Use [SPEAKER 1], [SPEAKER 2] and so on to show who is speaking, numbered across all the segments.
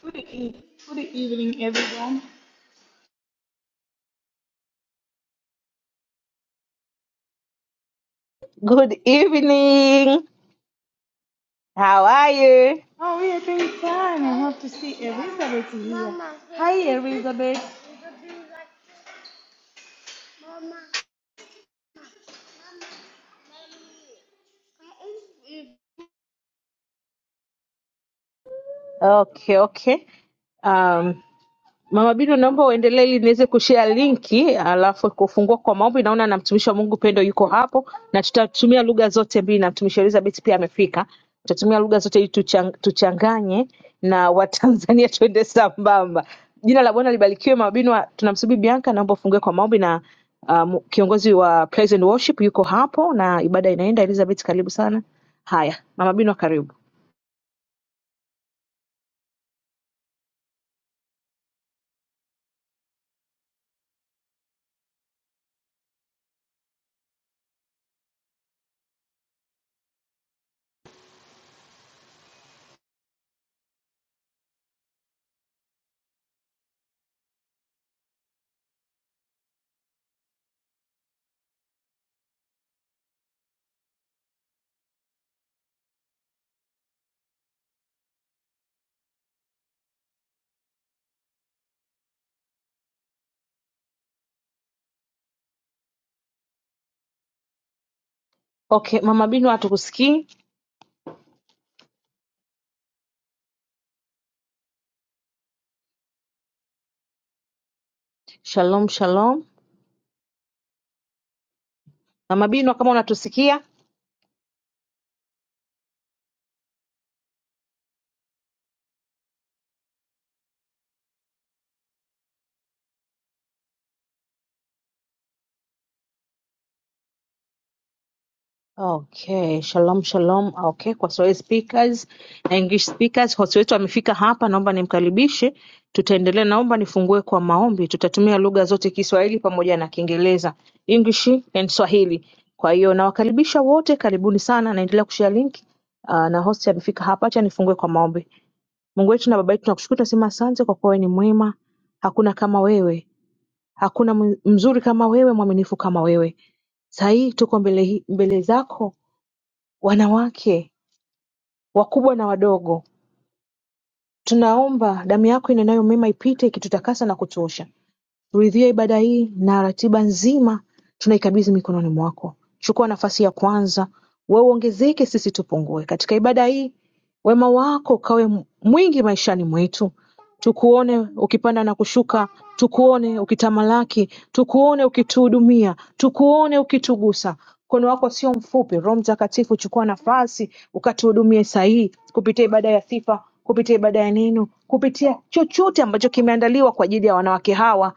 [SPEAKER 1] Good, e- good evening, everyone.
[SPEAKER 2] Good evening. How are you?
[SPEAKER 1] Oh, we are doing fine. I have to see Elizabeth here. Mama. Hi, Elizabeth.
[SPEAKER 2] Okay, okay. Um, Mama Bino, naomba uendelee ili niweze kushare linki, alafu kufungua kwa maombi. Naona na mtumishi wa Mungu Pendo yuko hapo, na tutatumia lugha zote mbili, na mtumishi Elizabeth pia amefika. Tutatumia lugha zote ili tuchang, tuchanganye na Watanzania tuende sambamba. Jina la Bwana libarikiwe. Mama Bino, tunamsubiri Bianca, naomba ufungue kwa maombi na um, kiongozi wa Praise and Worship yuko hapo na ibada inaenda. Elizabeth, karibu sana. Haya, Mama Bino, karibu. Okay, Mama Bino, hatukusikii. Shalom, shalom. Mama Bino, kama unatusikia Okay, shalom shalom. Okay, kwa Swahili speakers na English speakers, host wetu amefika hapa, naomba nimkaribishe. Tutaendelea, naomba nifungue kwa maombi. Tutatumia lugha zote, Kiswahili pamoja na Kiingereza, English and Swahili. Kwa hiyo nawakaribisha wote, karibuni sana. Naendelea kushare link uh, na host amefika hapa, acha nifungue kwa maombi. Mungu wetu na Baba yetu, tunakushukuru, tunasema asante kwa kuwa wewe ni mwema, hakuna kama wewe, hakuna mzuri kama wewe, mwaminifu kama wewe. Saa hii tuko mbele, hi- mbele zako Wanawake, wakubwa na wadogo, tunaomba damu yako inenayo mema ipite ikitutakasa na kutuosha Ridhia ibada hii na ratiba nzima tunaikabidhi mikononi mwako. Chukua nafasi ya kwanza, wewe uongezeke, sisi tupungue. Katika ibada hii, wema wako ukawe mwingi maishani mwetu. Tukuone ukipanda na kushuka, tukuone ukitamalaki, tukuone ukituhudumia, tukuone ukitugusa. Mkono wako sio mfupi. Roho Mtakatifu, chukua nafasi ukatuhudumie sahihi kupitia ibada ya sifa, kupitia ibada ya neno, kupitia chochote ambacho kimeandaliwa kwa ajili ya wanawake hawa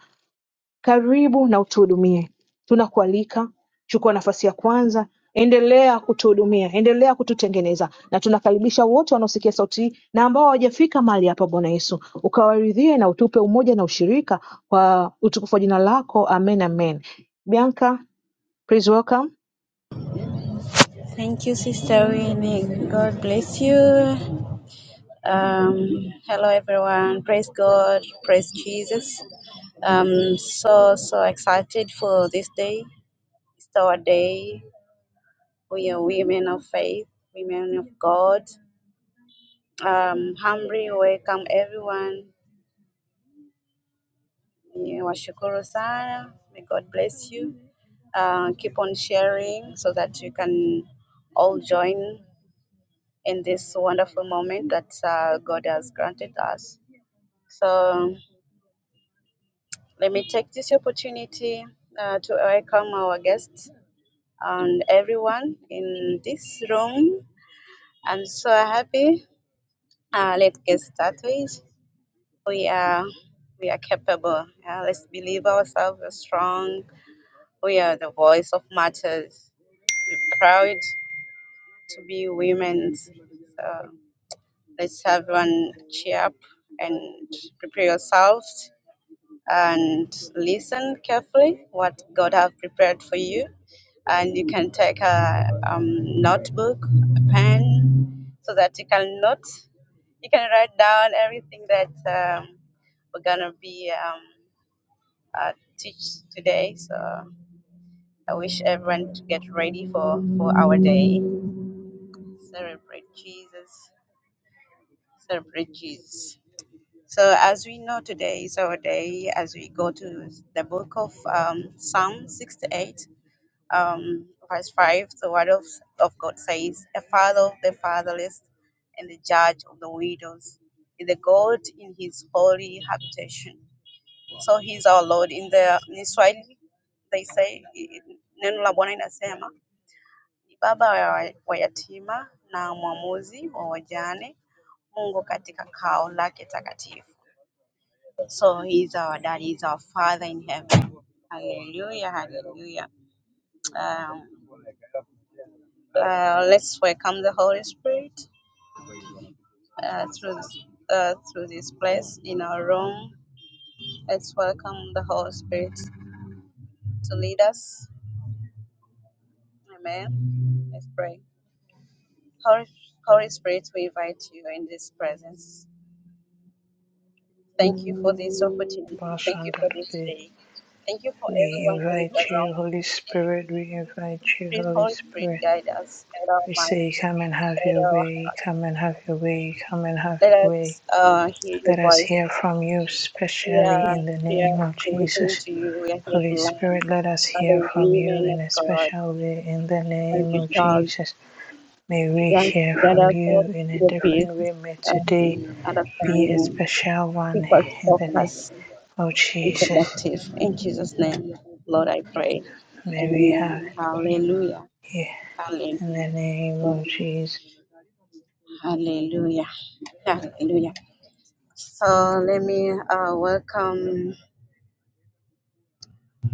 [SPEAKER 2] karibu na utuhudumie. Tunakualika, chukua nafasi ya kwanza, endelea kutuhudumia, endelea kututengeneza, na tunakaribisha wote wanaosikia sauti hii na ambao hawajafika mahali hapa. Bwana Yesu, ukawaridhie na utupe umoja na ushirika kwa utukufu wa jina lako. Amen, amen. Bianca, please welcome.
[SPEAKER 3] Thank you, Sister Winnie. God bless you. Um, hello, everyone. Praise God. Praise Jesus. Um, so so excited for this day. It's our day. We are women of faith, women of God. Um, humbly welcome everyone. Yeah, Washukuru sana. May God bless you. Uh, keep on sharing so that you can all join. in this wonderful moment that uh, God has granted us. So let me take this opportunity uh, to welcome our guests and everyone in this room. I'm so happy. Uh, let's get started. We are we are capable. Yeah, let's believe ourselves are strong. We are the voice of matters. We're proud to be women. So let's have one cheer up and prepare yourselves and listen carefully what God have prepared for you. And you can take a um, notebook, a pen, so that you can note, you can write down everything that um, we're gonna be um, uh, teach today. So I wish everyone to get ready for for our day. Celebrate Jesus. Celebrate Jesus. So, as we know, today is our day as we go to the book of um, Psalm 68. um, verse 5, the word of, of God says, A father of the fatherless and the judge of the widows is the God in his holy habitation. So he's our Lord. In the in Swahili, they say, i- i- neno la Bwana inasema, ni baba wa wa yatima na mwamuzi wa wajane, Mungu katika kao lake takatifu. So he's our dad, he's our father in heaven. Hallelujah, hallelujah. Um, Uh, let's welcome the Holy Spirit uh, through this, uh, through this place in our room. Let's welcome the Holy Spirit to lead us. Amen. Let's pray. Holy, Holy Spirit, we invite you in this presence. Thank you for this opportunity. Thank you for this
[SPEAKER 4] Bashandarabe.
[SPEAKER 3] day. Thank you for
[SPEAKER 4] We
[SPEAKER 3] everyone who is
[SPEAKER 4] invite you,
[SPEAKER 3] around in
[SPEAKER 4] Holy
[SPEAKER 3] this room.
[SPEAKER 4] Spirit. We invite you,
[SPEAKER 3] Please,
[SPEAKER 4] Holy
[SPEAKER 3] Holy Spirit,
[SPEAKER 4] Spirit.
[SPEAKER 3] guide us, guide our
[SPEAKER 4] We
[SPEAKER 3] mind,
[SPEAKER 4] say, Come and have your
[SPEAKER 3] guide our.
[SPEAKER 4] way. Come and have your way. Come and have
[SPEAKER 3] Let
[SPEAKER 4] your way.
[SPEAKER 3] us uh, hear your
[SPEAKER 4] Let us
[SPEAKER 3] voice
[SPEAKER 4] hear from you,
[SPEAKER 3] We
[SPEAKER 4] especially
[SPEAKER 3] are
[SPEAKER 4] in the
[SPEAKER 3] here
[SPEAKER 4] name of
[SPEAKER 3] to listen
[SPEAKER 4] Jesus.
[SPEAKER 3] to you. We are here to
[SPEAKER 4] Holy
[SPEAKER 3] learn.
[SPEAKER 4] Spirit, let us hear
[SPEAKER 3] Other
[SPEAKER 4] from you
[SPEAKER 3] women
[SPEAKER 4] in
[SPEAKER 3] of
[SPEAKER 4] a
[SPEAKER 3] God,
[SPEAKER 4] special way in the
[SPEAKER 3] as
[SPEAKER 4] name
[SPEAKER 3] you
[SPEAKER 4] of
[SPEAKER 3] talk,
[SPEAKER 4] Jesus. May we
[SPEAKER 3] grant
[SPEAKER 4] hear
[SPEAKER 3] that
[SPEAKER 4] from
[SPEAKER 3] us
[SPEAKER 4] you
[SPEAKER 3] all
[SPEAKER 4] in a
[SPEAKER 3] your
[SPEAKER 4] different
[SPEAKER 3] peace,
[SPEAKER 4] way. May
[SPEAKER 3] um,
[SPEAKER 4] today be a
[SPEAKER 3] understanding,
[SPEAKER 4] special
[SPEAKER 3] keep
[SPEAKER 4] one
[SPEAKER 3] us
[SPEAKER 4] in the name
[SPEAKER 3] focused
[SPEAKER 4] of
[SPEAKER 3] and
[SPEAKER 4] Jesus.
[SPEAKER 3] productive. In Jesus' name, Lord, I pray.
[SPEAKER 4] May we have
[SPEAKER 3] Amen. Hallelujah.
[SPEAKER 4] here. In the
[SPEAKER 3] Hallelujah.
[SPEAKER 4] name of
[SPEAKER 3] Hallelujah.
[SPEAKER 4] Jesus.
[SPEAKER 3] Hallelujah. So let me uh, welcome.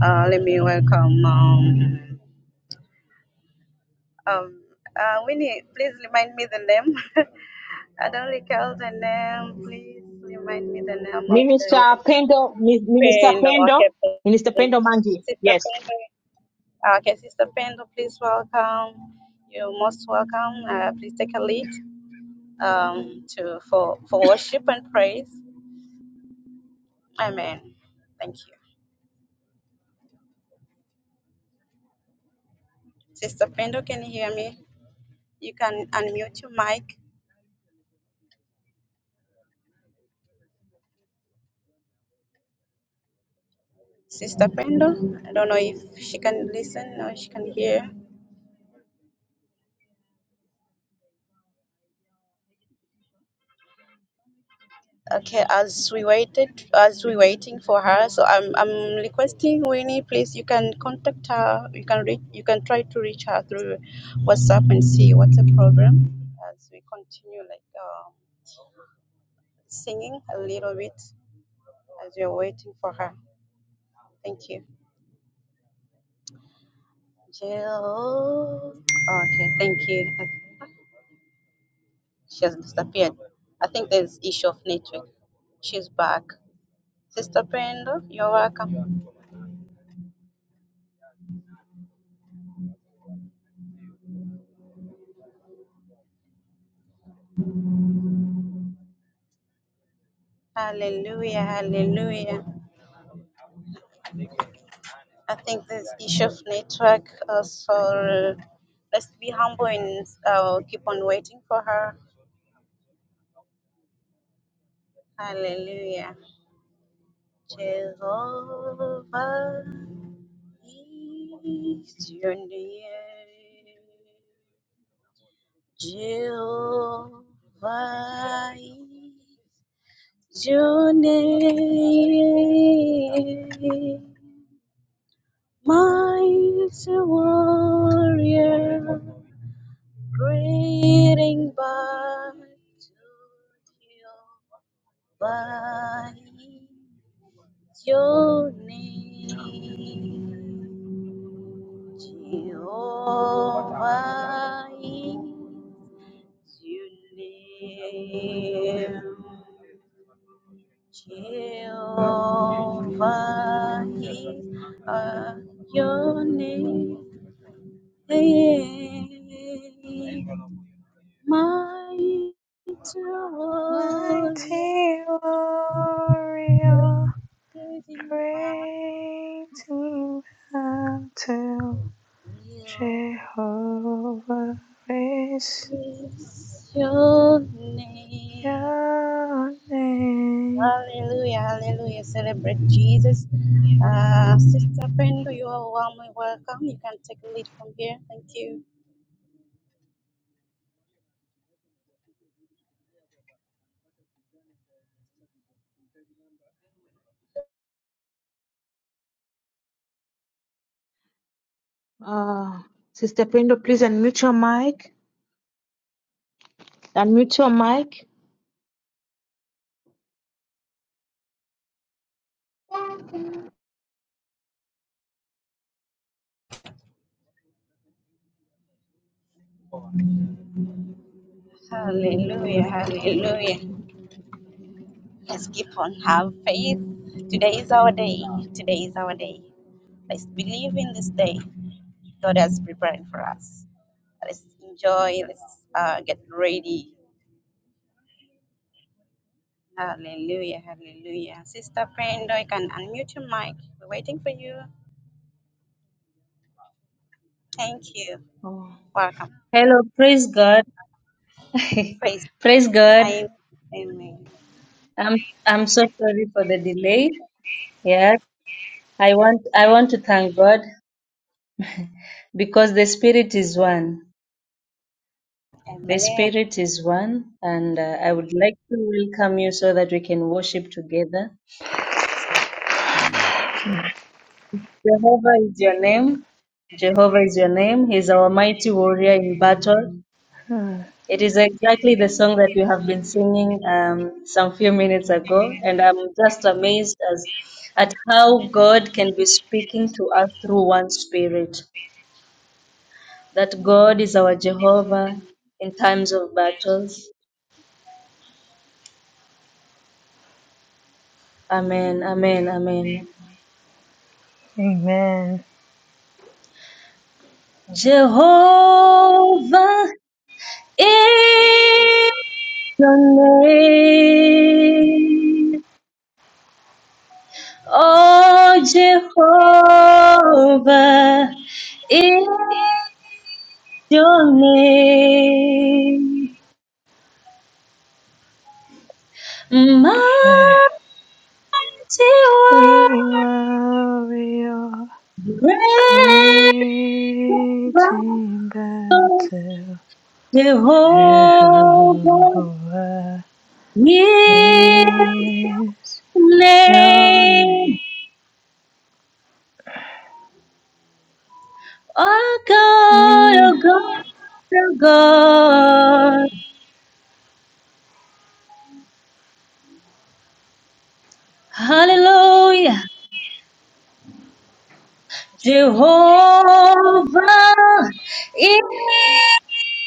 [SPEAKER 3] Uh, let me welcome. Um, Um, uh, Winnie, please remind me the name. I don't recall the name. Please remind me the name of the
[SPEAKER 2] Minister Pendo, Mi- Minister
[SPEAKER 3] Pendo Okay,
[SPEAKER 2] Pendo, Minister
[SPEAKER 3] please.
[SPEAKER 2] Pendo Mangi.
[SPEAKER 3] Sister
[SPEAKER 2] Yes.
[SPEAKER 3] Pendo. Okay, Sister Pendo, please welcome. You're most welcome. Uh, please take a lead um, to for, for worship and praise. Amen. Thank you. Sister Pendo, can you hear me? You can unmute your mic. Sister Pendo, I don't know if she can listen or she can hear. Okay, as we waited, as we waiting for her, so I'm I'm requesting Winnie, please. You can contact her. You can reach. You can try to reach her through WhatsApp and see what's the problem. As we continue like uh, singing a little bit, as we are waiting for her. Thank you. Jill. Okay, thank you. She has disappeared. I think there's issue of network. She's back. Sister Pendo, you're welcome. Hallelujah, hallelujah. I think this issue of network. Uh, so let's be humble and uh, keep on waiting for her. Hallelujah. Jehovah is your name. Jehovah is your name. Mighty warrior. Greeting back to by your name, Jehovah is your name. Jehovah is uh, your name. mighty warrior,
[SPEAKER 4] Mighty warrior,
[SPEAKER 3] praising battle
[SPEAKER 4] great in battle, Jehovah is
[SPEAKER 3] is your name.
[SPEAKER 4] your name.
[SPEAKER 3] Hallelujah, hallelujah. Celebrate Jesus. Uh, Sister Brenda, you are warmly welcome. You can take a lead from here. Thank you.
[SPEAKER 2] Uh, Sister Pendo, please unmute your mic. Unmute your mic.
[SPEAKER 3] Hallelujah, hallelujah. Let's keep on have faith. Today is our day. Today is our day. Let's believe in this day God has prepared for us. Let's enjoy. Let's uh, get ready. Hallelujah. Hallelujah. Sister Brenda, you can unmute your mic. We're waiting for you. Thank you.
[SPEAKER 5] Oh.
[SPEAKER 3] Welcome.
[SPEAKER 5] Hello, praise God.
[SPEAKER 3] Praise. God.
[SPEAKER 5] praise God.
[SPEAKER 3] Amen. Amen.
[SPEAKER 5] I'm I'm so sorry for the delay. Yeah. I want I want to thank God because the spirit is one. The
[SPEAKER 3] Amen.
[SPEAKER 5] spirit is one and uh, I would like to welcome you so that we can worship together. Jehovah is your name. Jehovah is your name. He's our mighty warrior in battle.
[SPEAKER 4] Mhm.
[SPEAKER 5] It is exactly the song that you have been singing um, some few minutes ago, and I'm just amazed as at how God can be speaking to us through one spirit. That God is our Jehovah in times of battles. Amen. Amen. Amen.
[SPEAKER 4] Amen.
[SPEAKER 5] Jehovah is your name. Oh, Jehovah is your name, mighty one,
[SPEAKER 4] Mighty warrior,
[SPEAKER 5] great
[SPEAKER 4] great
[SPEAKER 5] God,
[SPEAKER 4] in battle, Jehovah
[SPEAKER 5] Jehovah is
[SPEAKER 4] is.
[SPEAKER 5] the
[SPEAKER 4] Your
[SPEAKER 5] name. Oh God,
[SPEAKER 4] name
[SPEAKER 5] oh God, oh God, Hallelujah. Jehovah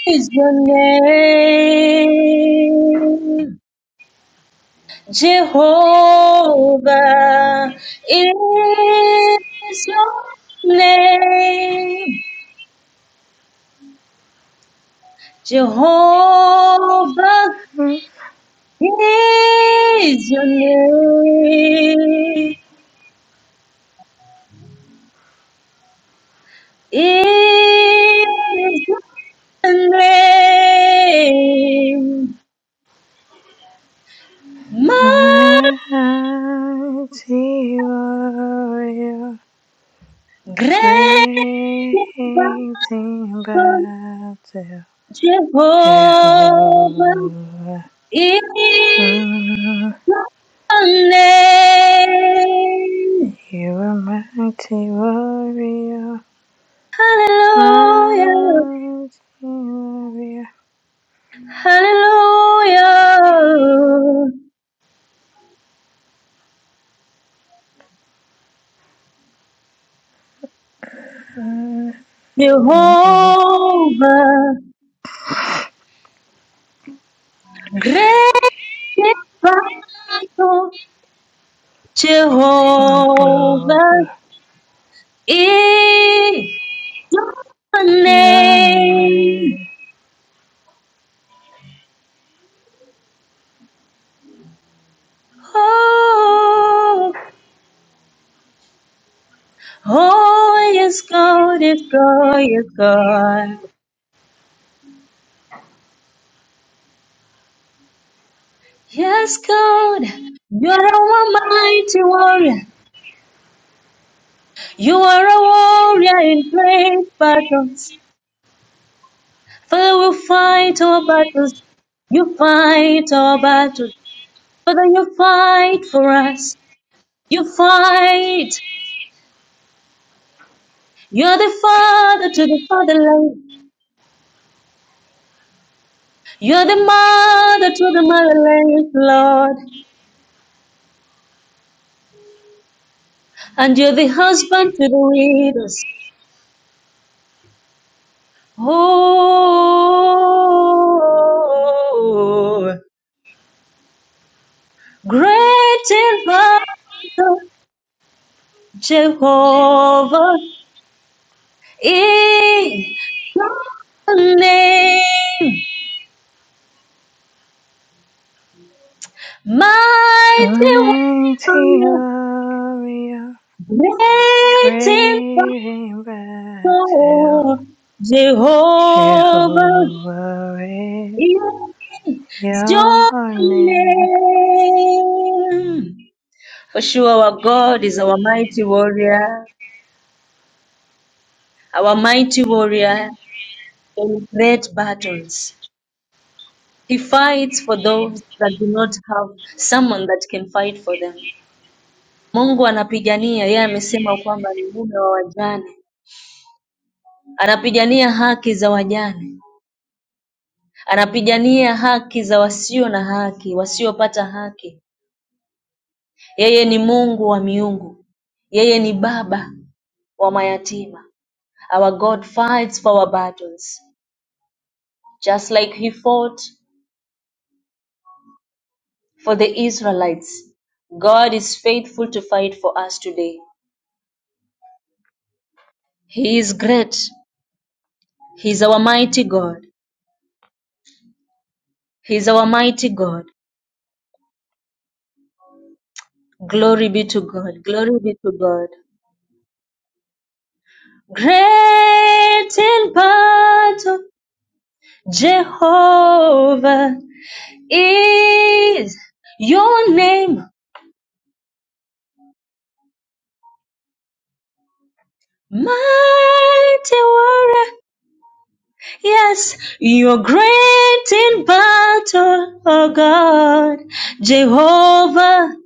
[SPEAKER 5] is your name. Jehovah is your name. Jehovah
[SPEAKER 4] is
[SPEAKER 5] is your name. Is your name. my
[SPEAKER 4] mighty warrior,
[SPEAKER 5] Great
[SPEAKER 4] creating
[SPEAKER 5] God,
[SPEAKER 4] battle. Jehovah,
[SPEAKER 5] Jehovah is
[SPEAKER 4] mm,
[SPEAKER 5] your name.
[SPEAKER 4] you are mighty warrior,
[SPEAKER 5] Hallelujah,
[SPEAKER 4] mighty warrior.
[SPEAKER 5] hallelujah.
[SPEAKER 4] Mm, mm, mm,
[SPEAKER 5] Jehovah, great God,
[SPEAKER 4] mm.
[SPEAKER 5] Jehovah is your
[SPEAKER 4] Your
[SPEAKER 5] name.
[SPEAKER 4] name,
[SPEAKER 5] Oh. Oh, yes, God, yes, God, yes, God. Yes, God, you are a mighty warrior. You are a warrior in great battles. Father, we fight our battles. You fight our battles. Father, you fight for us. You fight. You're the father to the fatherless. You're the mother to the motherless, Lord. And you're the husband to the widows. Oh, great and mighty Jehovah is your name. Mighty
[SPEAKER 4] mighty
[SPEAKER 5] warrior,
[SPEAKER 4] warrior.
[SPEAKER 5] great and
[SPEAKER 4] Bring back to
[SPEAKER 5] mighty Jehovah
[SPEAKER 4] Jehovah is
[SPEAKER 5] is your
[SPEAKER 4] your name.
[SPEAKER 5] name. For sure, our God is our mighty warrior. Our mighty warrior in great battles. He fights for those that do not have someone that can fight for them. Mungu anapigania, yeye amesema kwamba ni mume wa wajane. Anapigania haki za wajane. Anapigania haki za wasio na haki, wasiopata haki. Yeye ni Mungu wa miungu. Yeye ni baba wa mayatima. Our God fights for our battles, just like he fought For the Israelites, God is faithful to fight for us today. He is great. He is our mighty God. He is our mighty God. Glory be to God. Glory be to God. Great in battle, Jehovah is your name. Mighty warrior, yes, you're great in battle, oh God. Jehovah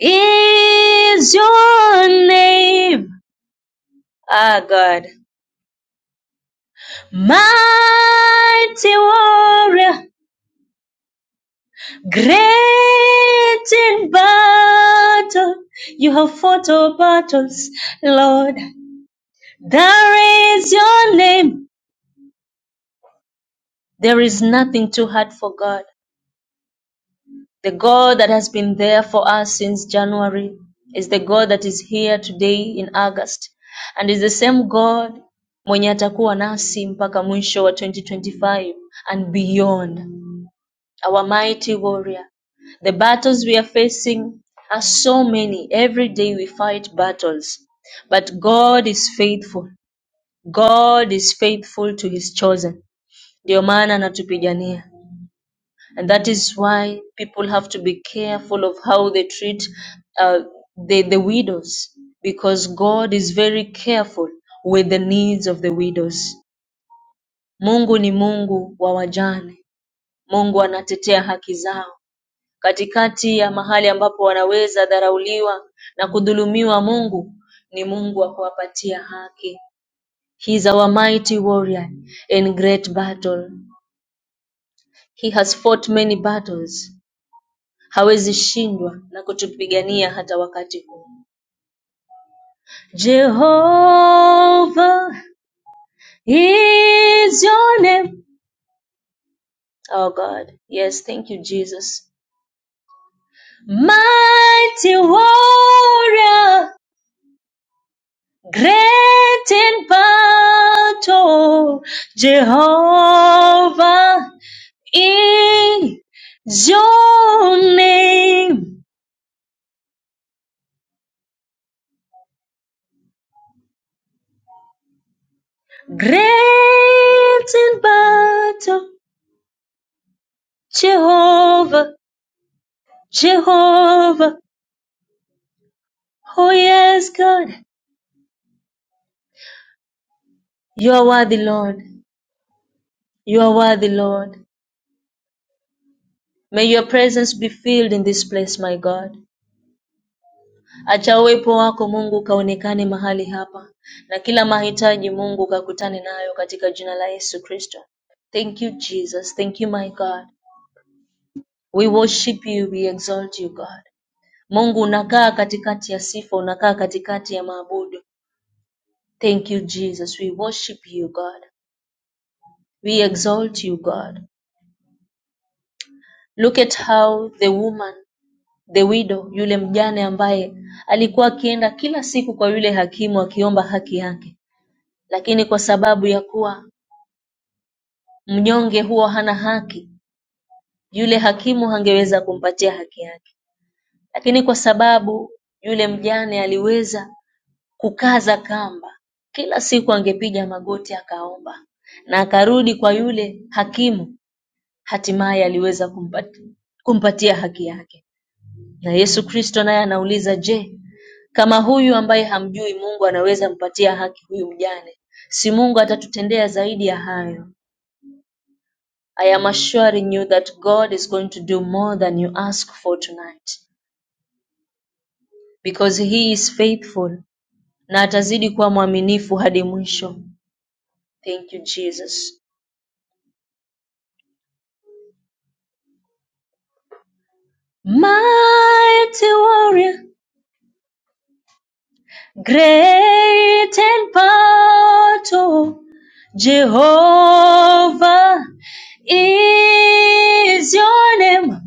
[SPEAKER 5] is your name, ah God. Mighty warrior, great in battle, you have fought all battles, Lord. There is your name. There is nothing too hard for God. The God that has been there for us since January is the God that is here today in August and is the same God mwenye atakuwa nasi mpaka mwisho wa 2025 and beyond. Our mighty warrior. The battles we are facing are so many. Every day we fight battles. But God is faithful. God is faithful to his chosen. Ndio maana anatupigania. And that is why people have to be careful of how they treat uh, the, the widows, because God is very careful with the needs of the widows. Mungu ni Mungu wa wajane. Mungu anatetea haki zao. Katikati ya mahali ambapo wanaweza dharauliwa na kudhulumiwa, Mungu ni Mungu wa kuwapatia haki. He is our mighty warrior in great battle. He has fought many battles hawezi shindwa na kutupigania hata wakati huu. Jehovah is your name. Oh God. Yes, thank you, Jesus. Mighty warrior, great in battle. Jehovah is your name. Great in battle. Jehovah Jehovah, oh yes, God, you are worthy, Lord. You are worthy, Lord. May your presence be filled in this place, my God. Acha uwepo wako Mungu ukaonekane mahali hapa, na kila mahitaji Mungu ukakutane nayo katika jina la Yesu Kristo. Thank you Jesus, thank you my God. We worship you, we exalt you God. Mungu unakaa katikati ya sifa, unakaa katikati ya maabudu. Thank you Jesus, we worship you God. We exalt you God. Look at how the woman the widow yule mjane ambaye alikuwa akienda kila siku kwa yule hakimu akiomba haki yake, lakini kwa sababu ya kuwa mnyonge huwa hana haki, yule hakimu hangeweza kumpatia haki yake. Lakini kwa sababu yule mjane aliweza kukaza kamba, kila siku angepiga magoti akaomba na akarudi kwa yule hakimu, hatimaye aliweza kumpati- kumpatia haki yake. Na Yesu Kristo naye anauliza je, kama huyu ambaye hamjui Mungu anaweza mpatia haki huyu mjane, si Mungu atatutendea zaidi ya hayo? I am assuring you that God is going to do more than you ask for tonight because he is faithful na atazidi kuwa mwaminifu hadi mwisho. Thank you Jesus. Mighty warrior Great and powerful Jehovah is your name.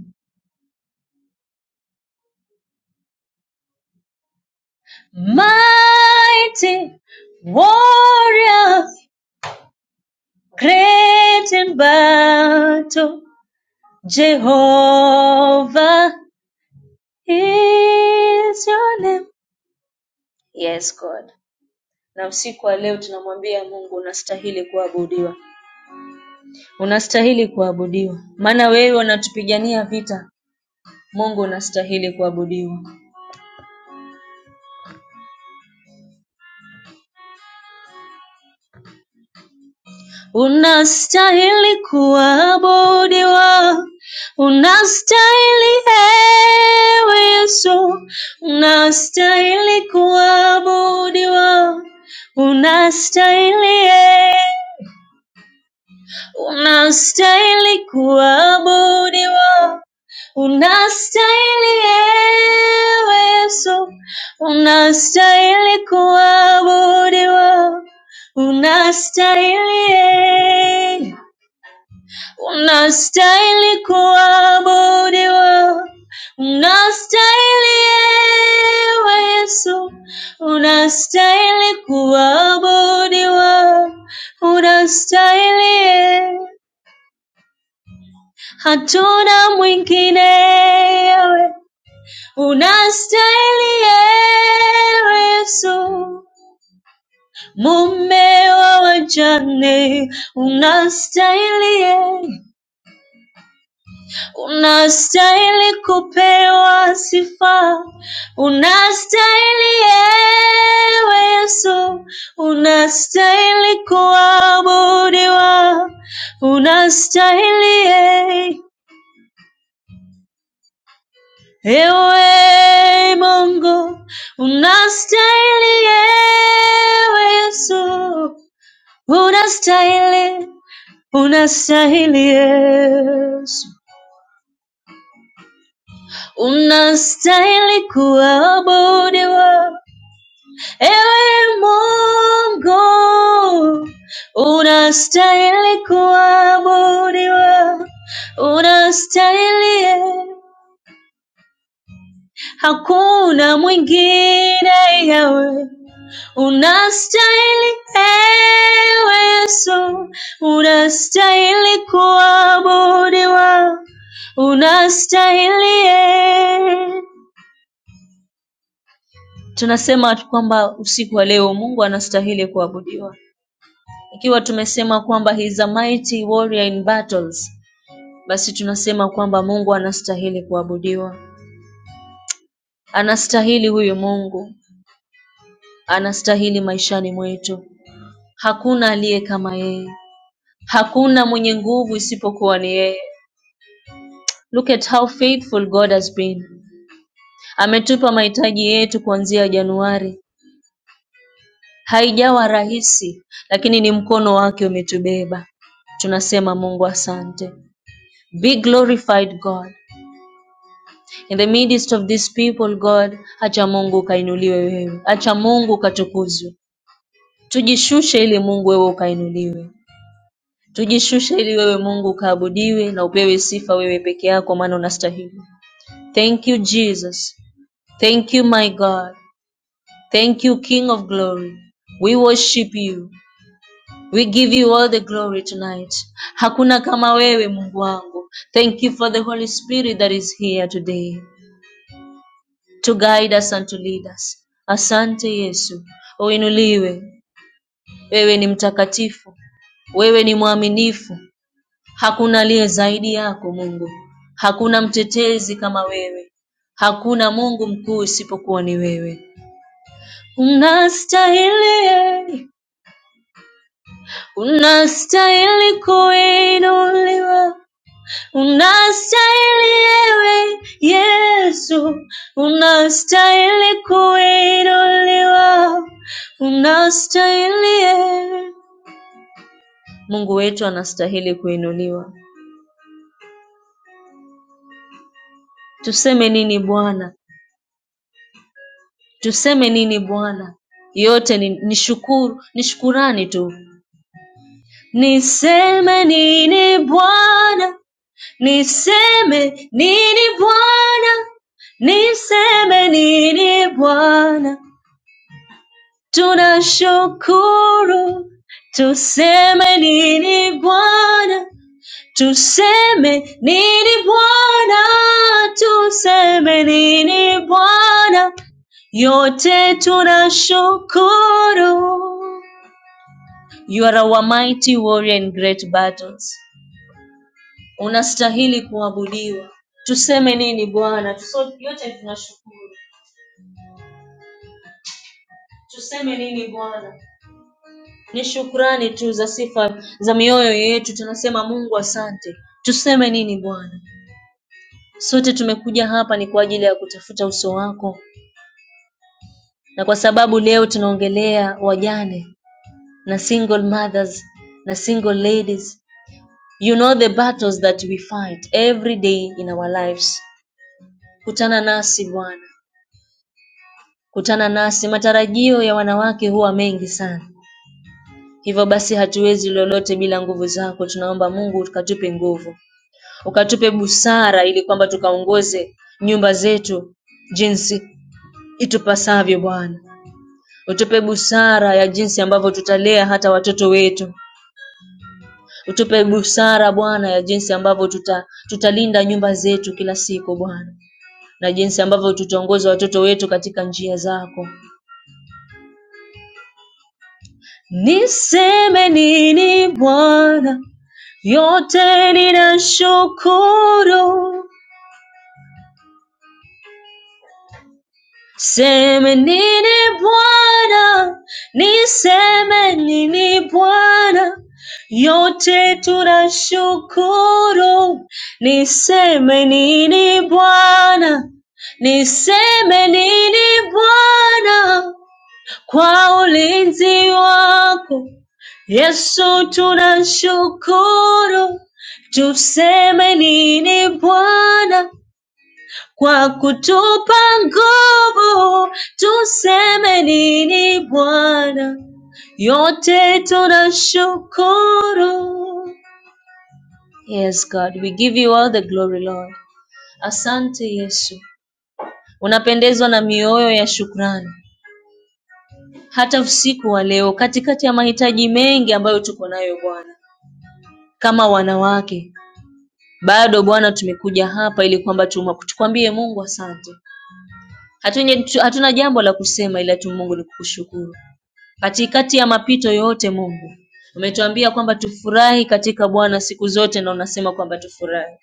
[SPEAKER 5] Mighty warrior, great in battle. Jehovah is your name. Yes, God. Na usiku wa leo tunamwambia Mungu unastahili kuabudiwa, unastahili kuabudiwa, maana wewe unatupigania vita, Mungu unastahili kuabudiwa, unastahili kuabudiwa, unastahili ewe Yesu, unastahili kuabudiwa, unastahili ewe Unastahili kuabudiwa, unastahili ewe Yesu, unastahili kuabudiwa, unastahili eh. unastahili kuabudiwa, unastahili ewe Yesu, unastahili kuabudiwa, unastahili eh hatuna mwingine yewe, unastahili ewe Yesu, mume wa wajane, unastahili e, unastahili kupewa sifa, unastahili ewe Yesu, unastahili kuabudiwa, unastahili e. Ewe Mungu unastahili, ewe Yesu unastahili, unastahili Yesu, unastahili kuabudiwa. Ewe Mungu unastahili kuabudiwa, unastahili, hakuna mwingine yawe Unastahili ewe Yesu, unastahili kuabudiwa, unastahili e. Tunasema kwamba usiku wa leo Mungu anastahili kuabudiwa. Ikiwa tumesema kwamba he is a mighty warrior in battles, basi tunasema kwamba Mungu anastahili kuabudiwa, anastahili huyu Mungu, anastahili maishani mwetu. Hakuna aliye kama yeye. Hakuna mwenye nguvu isipokuwa ni yeye. Look at how faithful God has been. Ametupa mahitaji yetu kuanzia Januari. Haijawa rahisi, lakini ni mkono wake umetubeba. Tunasema Mungu asante. Be glorified God. In the midst of these people God, acha Mungu ukainuliwe wewe. Acha Mungu ukatukuzwe. Tujishushe ili Mungu wewe ukainuliwe. Tujishushe ili wewe Mungu ukaabudiwe na upewe sifa wewe peke yako maana unastahili. Thank you, Jesus. Thank you, my God. Thank you, King of Glory. We worship you. We give you all the glory tonight. Hakuna kama wewe Mungu wangu. Thank you for the Holy Spirit that is here today to guide us and to lead us. Asante Yesu. Uinuliwe. Wewe ni mtakatifu. Wewe ni mwaminifu. Hakuna aliye zaidi yako Mungu. Hakuna mtetezi kama wewe. Hakuna Mungu mkuu isipokuwa ni wewe. Unastahili, unastahili kuinuliwa, unastahili ewe Yesu, unastahili kuinuliwa, unastahili ewe Mungu wetu, anastahili kuinuliwa. Tuseme nini Bwana? Tuseme nini Bwana? Yote ni, ni shukuru, ni shukurani tu. Niseme nini Bwana? Niseme nini Bwana, niseme nini Bwana, tunashukuru. Tuseme nini Bwana, tuseme nini Bwana, tuseme nini Bwana, yote tunashukuru. You are our mighty warrior in great battles. unastahili kuabudiwa. Tuseme nini Bwana? Tuso- Yote tunashukuru. Tuseme nini Bwana? Ni shukrani tu za sifa za mioyo yetu, tunasema Mungu asante. Tuseme nini Bwana? Sote tumekuja hapa ni kwa ajili ya kutafuta uso wako, na kwa sababu leo tunaongelea wajane na single mothers na single ladies. You know the battles that we fight every day in our lives. Kutana nasi Bwana, Kutana nasi matarajio ya wanawake huwa mengi sana. Hivyo basi hatuwezi lolote bila nguvu zako. Tunaomba Mungu ukatupe nguvu, ukatupe busara ili kwamba tukaongoze nyumba zetu jinsi itupasavyo Bwana. Utupe busara ya jinsi ambavyo tutalea hata watoto wetu. Utupe busara Bwana ya jinsi ambavyo tuta, tutalinda nyumba zetu kila siku Bwana, na jinsi ambavyo tutaongoza watoto wetu katika njia zako. Niseme nini Bwana, yote ninashukuru. Seme nini Bwana, niseme nini Bwana, yote tunashukuru. Niseme nini Bwana, niseme nini Bwana, kwa ulinzi wako Yesu, tunashukuru. Tuseme nini Bwana kwa kutupa nguvu? Tuseme nini Bwana? Yote tunashukuru. Yes, God, we give you all the glory, Lord. Asante Yesu, unapendezwa na mioyo ya shukrani. hata usiku wa leo katikati ya mahitaji mengi ambayo tuko nayo Bwana kama wanawake bado Bwana tumekuja hapa ili kwamba tuma- tukwambie Mungu asante. Hatuja, tu- hatuna jambo la kusema ila tu Mungu ni kukushukuru. Katikati ya mapito yote Mungu umetuambia kwamba tufurahi katika Bwana siku zote, na unasema kwamba tufurahi,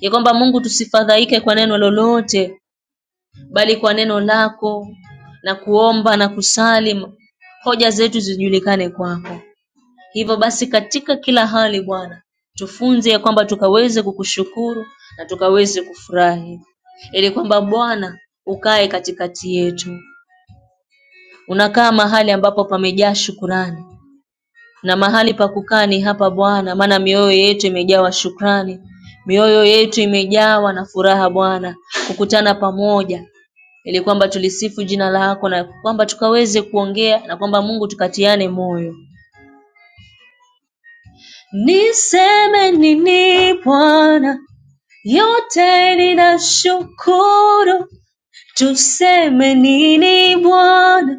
[SPEAKER 5] ya kwamba Mungu tusifadhaike kwa neno lolote, bali kwa neno lako na kuomba na kusali, hoja zetu zijulikane kwako. Hivyo basi katika kila hali Bwana, tufunze ya kwamba tukaweze kukushukuru na tukaweze kufurahi, ili kwamba Bwana ukae katikati yetu. Unakaa mahali ambapo pamejaa shukurani, na mahali pa kukaa ni hapa Bwana, maana mioyo yetu imejawa shukrani, mioyo yetu imejawa na furaha Bwana, kukutana pamoja ili kwamba tulisifu jina lako na kwamba tukaweze kuongea na kwamba Mungu tukatiane moyo. Niseme nini Bwana, yote ninashukuru. Tuseme nini Bwana,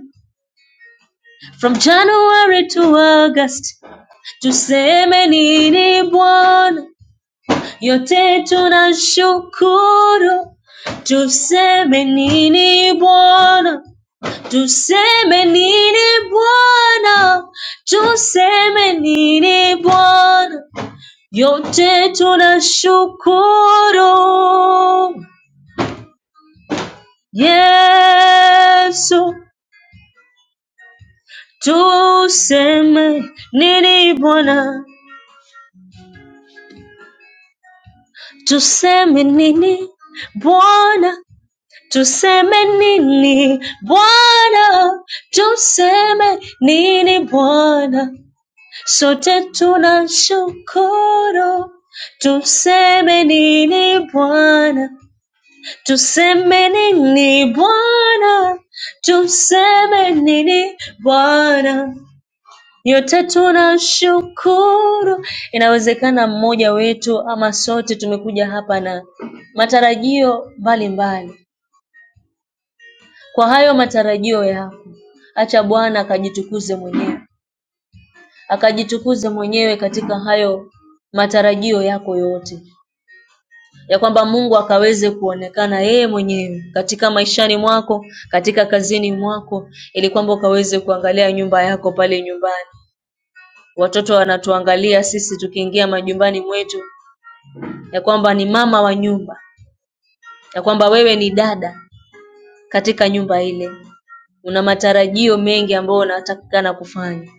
[SPEAKER 5] from January to August. Tuseme nini Bwana, yote tunashukuru. Tuseme nini Bwana, tuseme nini Bwana, tuseme nini Bwana. yote tunashukuru Yesu. Tuseme nini Bwana, tuseme nini Bwana, tuseme nini Bwana, tuseme nini Bwana, sote tunashukuru. Tuseme nini Bwana, Tuseme nini Bwana, tuseme nini Bwana, yote tunashukuru. Inawezekana mmoja wetu ama sote tumekuja hapa na matarajio mbalimbali. Kwa hayo matarajio yako, acha Bwana akajitukuze mwenyewe, akajitukuze mwenyewe katika hayo matarajio yako yote. ya kwamba Mungu akaweze kuonekana yeye mwenyewe katika maishani mwako, katika kazini mwako, ili kwamba ukaweze kuangalia nyumba yako pale nyumbani. Watoto wanatuangalia sisi tukiingia majumbani mwetu, ya kwamba ni mama wa nyumba, ya kwamba wewe ni dada katika nyumba ile. Una matarajio mengi ambayo unatakikana kufanya.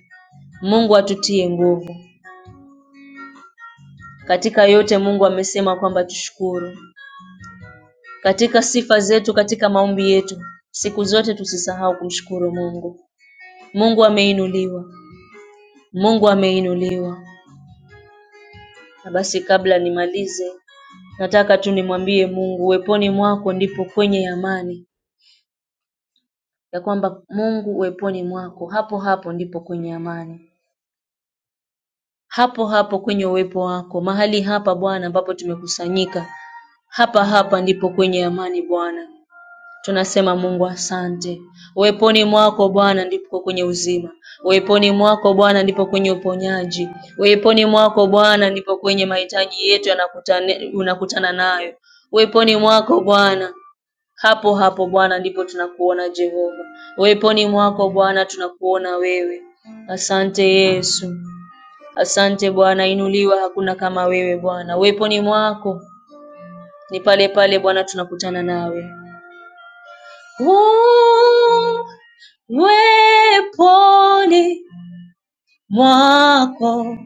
[SPEAKER 5] Mungu atutie nguvu katika yote. Mungu amesema kwamba tushukuru. katika sifa zetu, katika maombi yetu, siku zote tusisahau kumshukuru Mungu. Mungu ameinuliwa, Mungu ameinuliwa. Na basi, kabla nimalize, nataka tu nimwambie Mungu, uweponi mwako ndipo kwenye amani, ya kwamba Mungu uweponi mwako, hapo hapo ndipo kwenye amani, hapo hapo kwenye uwepo wako, mahali hapa Bwana ambapo tumekusanyika, hapa hapa ndipo kwenye amani Bwana. Tunasema Mungu asante. Uweponi mwako Bwana ndipo kwenye uzima. Uweponi mwako Bwana ndipo kwenye uponyaji. Uweponi mwako Bwana ndipo kwenye mahitaji yetu yanakutane- unakutana nayo. Uweponi mwako Bwana, hapo hapo Bwana ndipo tunakuona Jehova. Uweponi mwako Bwana tunakuona wewe. Asante Yesu. Asante Bwana, inuliwa hakuna kama wewe Bwana. Uweponi mwako ni pale pale Bwana tunakutana nawe uweponi mwako.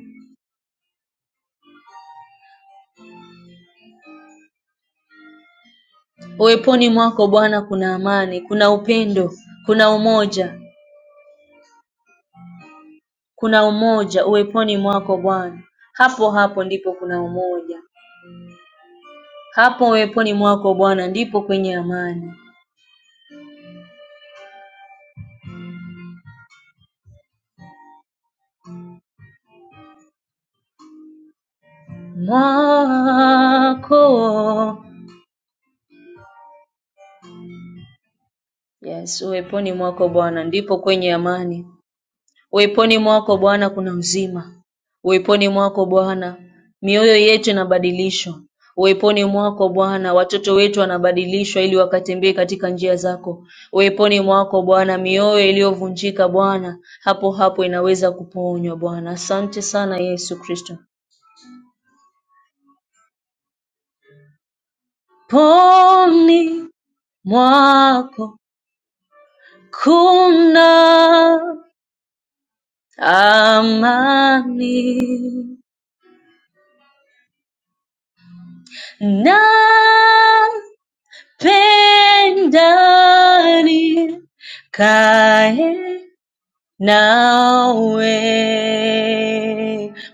[SPEAKER 5] Uweponi mwako Bwana kuna amani, kuna upendo, kuna umoja, kuna umoja uweponi mwako Bwana. Hapo hapo ndipo kuna umoja, hapo uweponi mwako Bwana ndipo kwenye amani mwako. Yes, uweponi mwako Bwana ndipo kwenye amani. Uweponi mwako Bwana kuna uzima. Uweponi mwako Bwana mioyo yetu inabadilishwa. Uweponi mwako Bwana watoto wetu wanabadilishwa ili wakatembee katika njia zako. Uweponi mwako Bwana mioyo iliyovunjika Bwana hapo hapo inaweza kuponywa Bwana. Asante sana Yesu Kristo. Poni mwako kuna amani na pendani kae nawe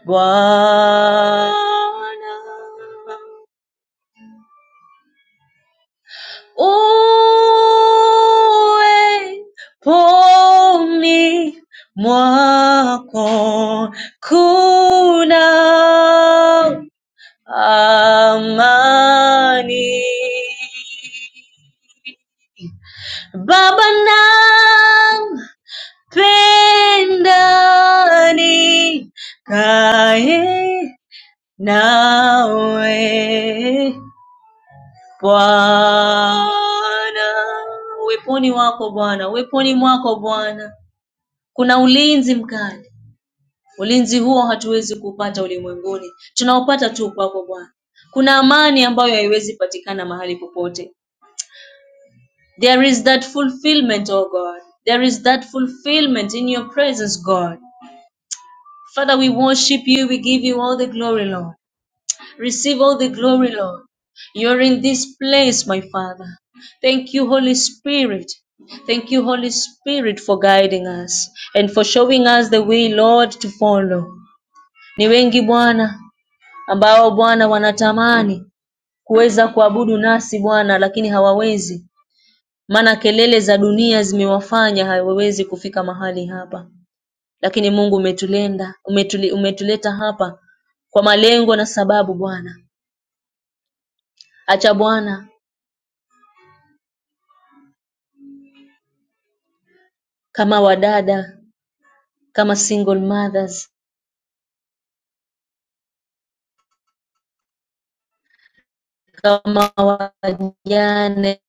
[SPEAKER 5] Bwana uwe poni mwako kuna amani Baba na Twendani kae nawe Bwana. Uweponi wako Bwana, uweponi mwako Bwana kuna ulinzi mkali. Ulinzi huo hatuwezi kupata ulimwenguni, tunaopata tu kwako Bwana. Kuna amani ambayo haiwezi patikana mahali popote. There is that fulfillment, oh God. There is that fulfillment in your presence, God. Father, we worship you. We give you all the glory, Lord. Receive all the glory, Lord. You're in this place, my Father. Thank you, Holy Spirit. Thank you, Holy Spirit, for guiding us and for showing us the way, Lord, to follow. Ni wengi Bwana ambao Bwana wanatamani kuweza kuabudu nasi Bwana, lakini hawawezi, maana kelele za dunia zimewafanya hawawezi kufika mahali hapa. Lakini Mungu umetulenda, umetuli, umetuleta hapa kwa malengo na sababu Bwana. Acha Bwana kama wadada, kama single mothers, kama wajane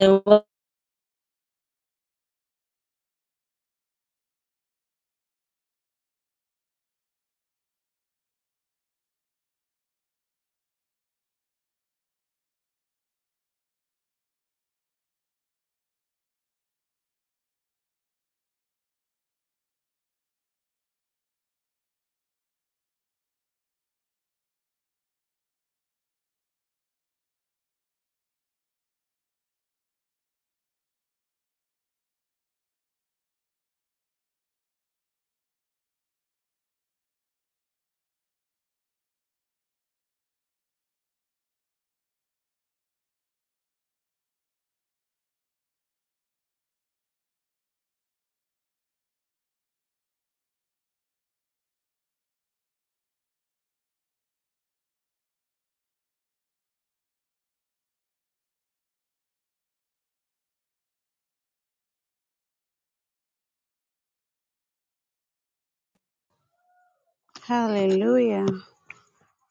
[SPEAKER 3] Hallelujah.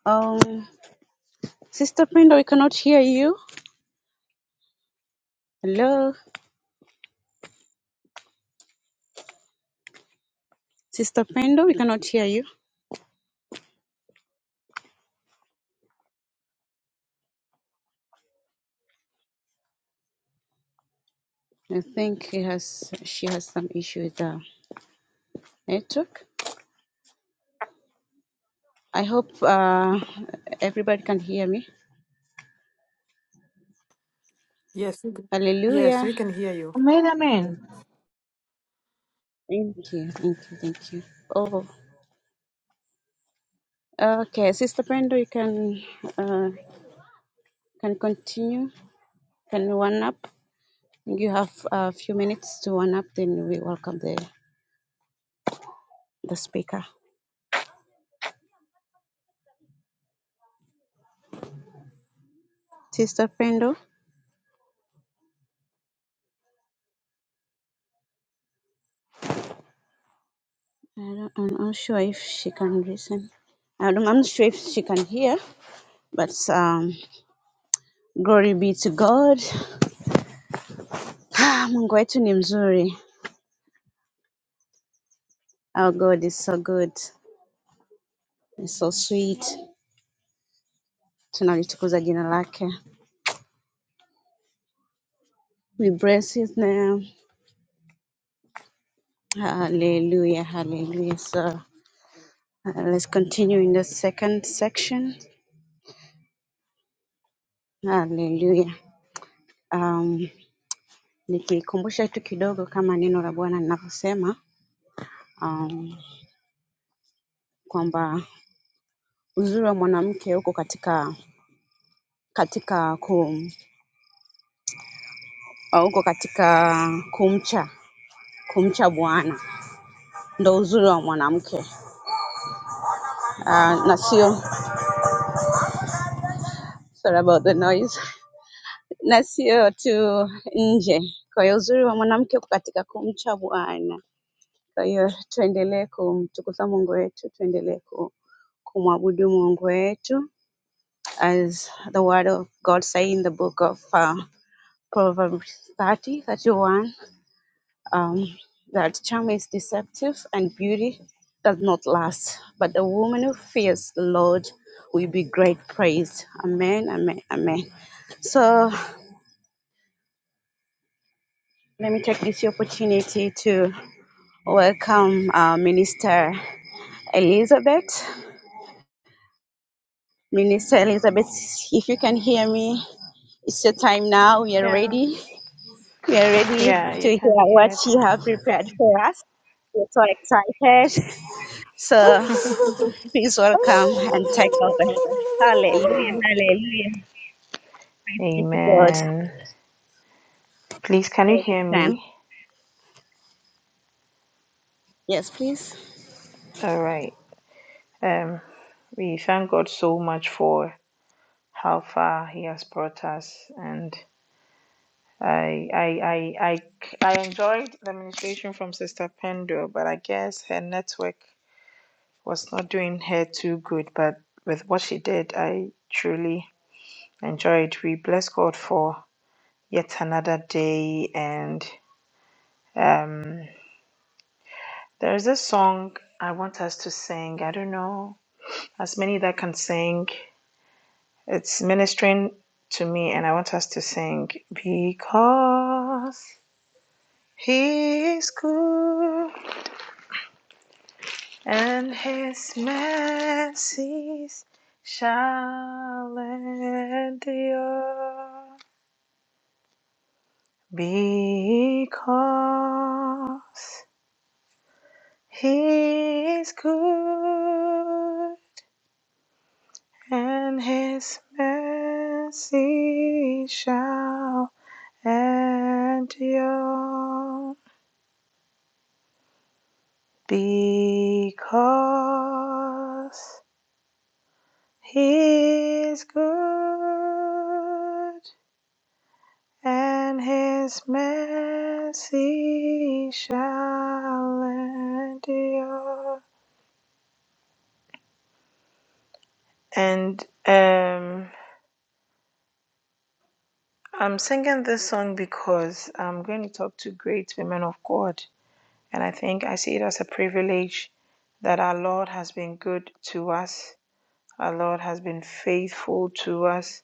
[SPEAKER 3] Um, Sister Brenda, we cannot hear you. Hello, Sister Brenda, we cannot hear you. I think she has she has some issue with the network. I hope uh, everybody can hear me.
[SPEAKER 6] Yes, we can- yes,
[SPEAKER 3] Hallelujah.
[SPEAKER 6] we can hear you.
[SPEAKER 2] Amen, amen.
[SPEAKER 6] Mm.
[SPEAKER 3] Thank you, thank you, thank you. Oh, okay, Sister Brenda, you can uh, can continue. Can you one up? You have a few minutes to one up. Then we welcome the the speaker, Sister Brenda. I don't, I'm not sure if she can listen. I don't, I'm not sure if she can hear. But um, glory be to God. Ah, Mungu wetu ni mzuri. Our God is so good, and so sweet. Tunalitukuza jina lake. We bless his name. Hallelujah, hallelujah. So uh, let's continue in the second section. Hallelujah. Um, nikikumbusha tu kidogo kama neno la Bwana linavyosema um, kwamba uzuri wa mwanamke uko katika katika kum, uh, uko katika kumcha kumcha Bwana, ndo uzuri wa mwanamke uh, na sio sorry about the noise, na sio tu nje. Kwa hiyo uzuri wa mwanamke uko katika kumcha Bwana Kwa hiyo tuendelee kumtukuza Mungu wetu, tuendelee ku- kumwabudu Mungu wetu as the word of God say in the book of uh, Proverbs 30, 31 um, that charm is deceptive and beauty does not last, but the woman who fears the Lord will be great praise. Amen, amen, amen. So let me take this opportunity to welcome uh, Minister Elizabeth. Minister Elizabeth, if you can hear me, it's your time now. We are
[SPEAKER 4] Yeah,
[SPEAKER 3] ready. We are ready
[SPEAKER 4] yeah,
[SPEAKER 3] to
[SPEAKER 4] you
[SPEAKER 3] hear
[SPEAKER 4] can be
[SPEAKER 3] what
[SPEAKER 4] heard.
[SPEAKER 3] you have prepared for us. We're so excited. So please welcome and take over. Hallelujah, hallelujah. Thanks Be to God. So
[SPEAKER 4] Amen. Please, can you
[SPEAKER 3] we
[SPEAKER 4] hear
[SPEAKER 3] can.
[SPEAKER 4] me?
[SPEAKER 3] Yes, please.
[SPEAKER 4] All right. Um, we thank God so much for how far He has brought us, and I, I, I, I, I enjoyed the ministration from Sister Pendo, but I guess her network. was not doing her too good, but with what she did, I truly enjoyed. We bless God for yet another day. And um, there is this song I want us to sing. I don't know as many that can sing. It's ministering to me, and I want us to sing because He is good and His mercies shall endure. Because he is good and his mercy shall endure. Because he is good and his mercy shall endure. And um I'm singing this song because I'm going to talk to great women of God. And I think I see it as a privilege that our Lord has been good to us, our Lord has been faithful to us.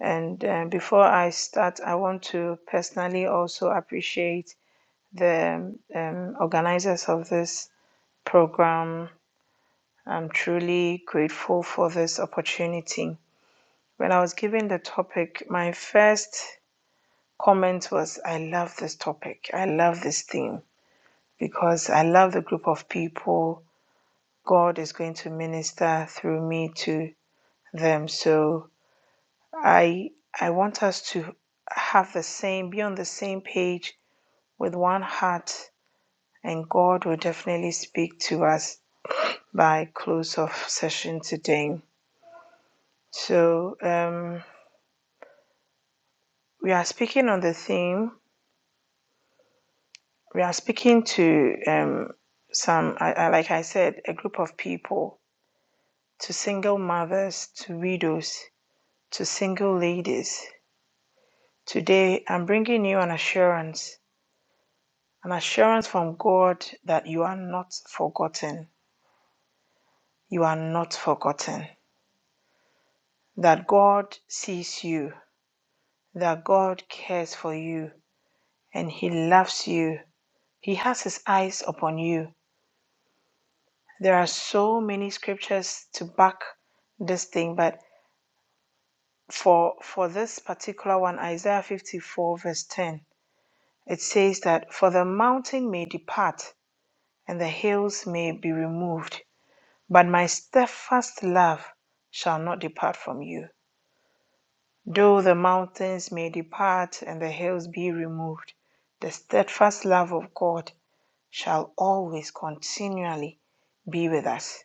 [SPEAKER 4] And uh, before I start, I want to personally also appreciate the um, organizers of this program. I'm truly grateful for this opportunity. When I was given the topic, my first comment was I love this topic. I love this theme because I love the group of people God is going to minister through me to them. So I I want us to have the same be on the same page with one heart and God will definitely speak to us by close of session today. So um, we are speaking on the theme. We are speaking to um, some, I, I, like I said, a group of people to single mothers, to widows, to single ladies. Today, I'm bringing you an assurance, an assurance from God that you are not forgotten. You are not forgotten. That God sees you, that God cares for you, and He loves you. He has His eyes upon you. There are so many scriptures to back this thing, but for for this particular one, Isaiah 54 verse 10 It says that, For the mountain may depart, and the hills may be removed, but my steadfast love shall not depart from you. Though the mountains may depart and the hills be removed, the steadfast love of God shall always continually be with us.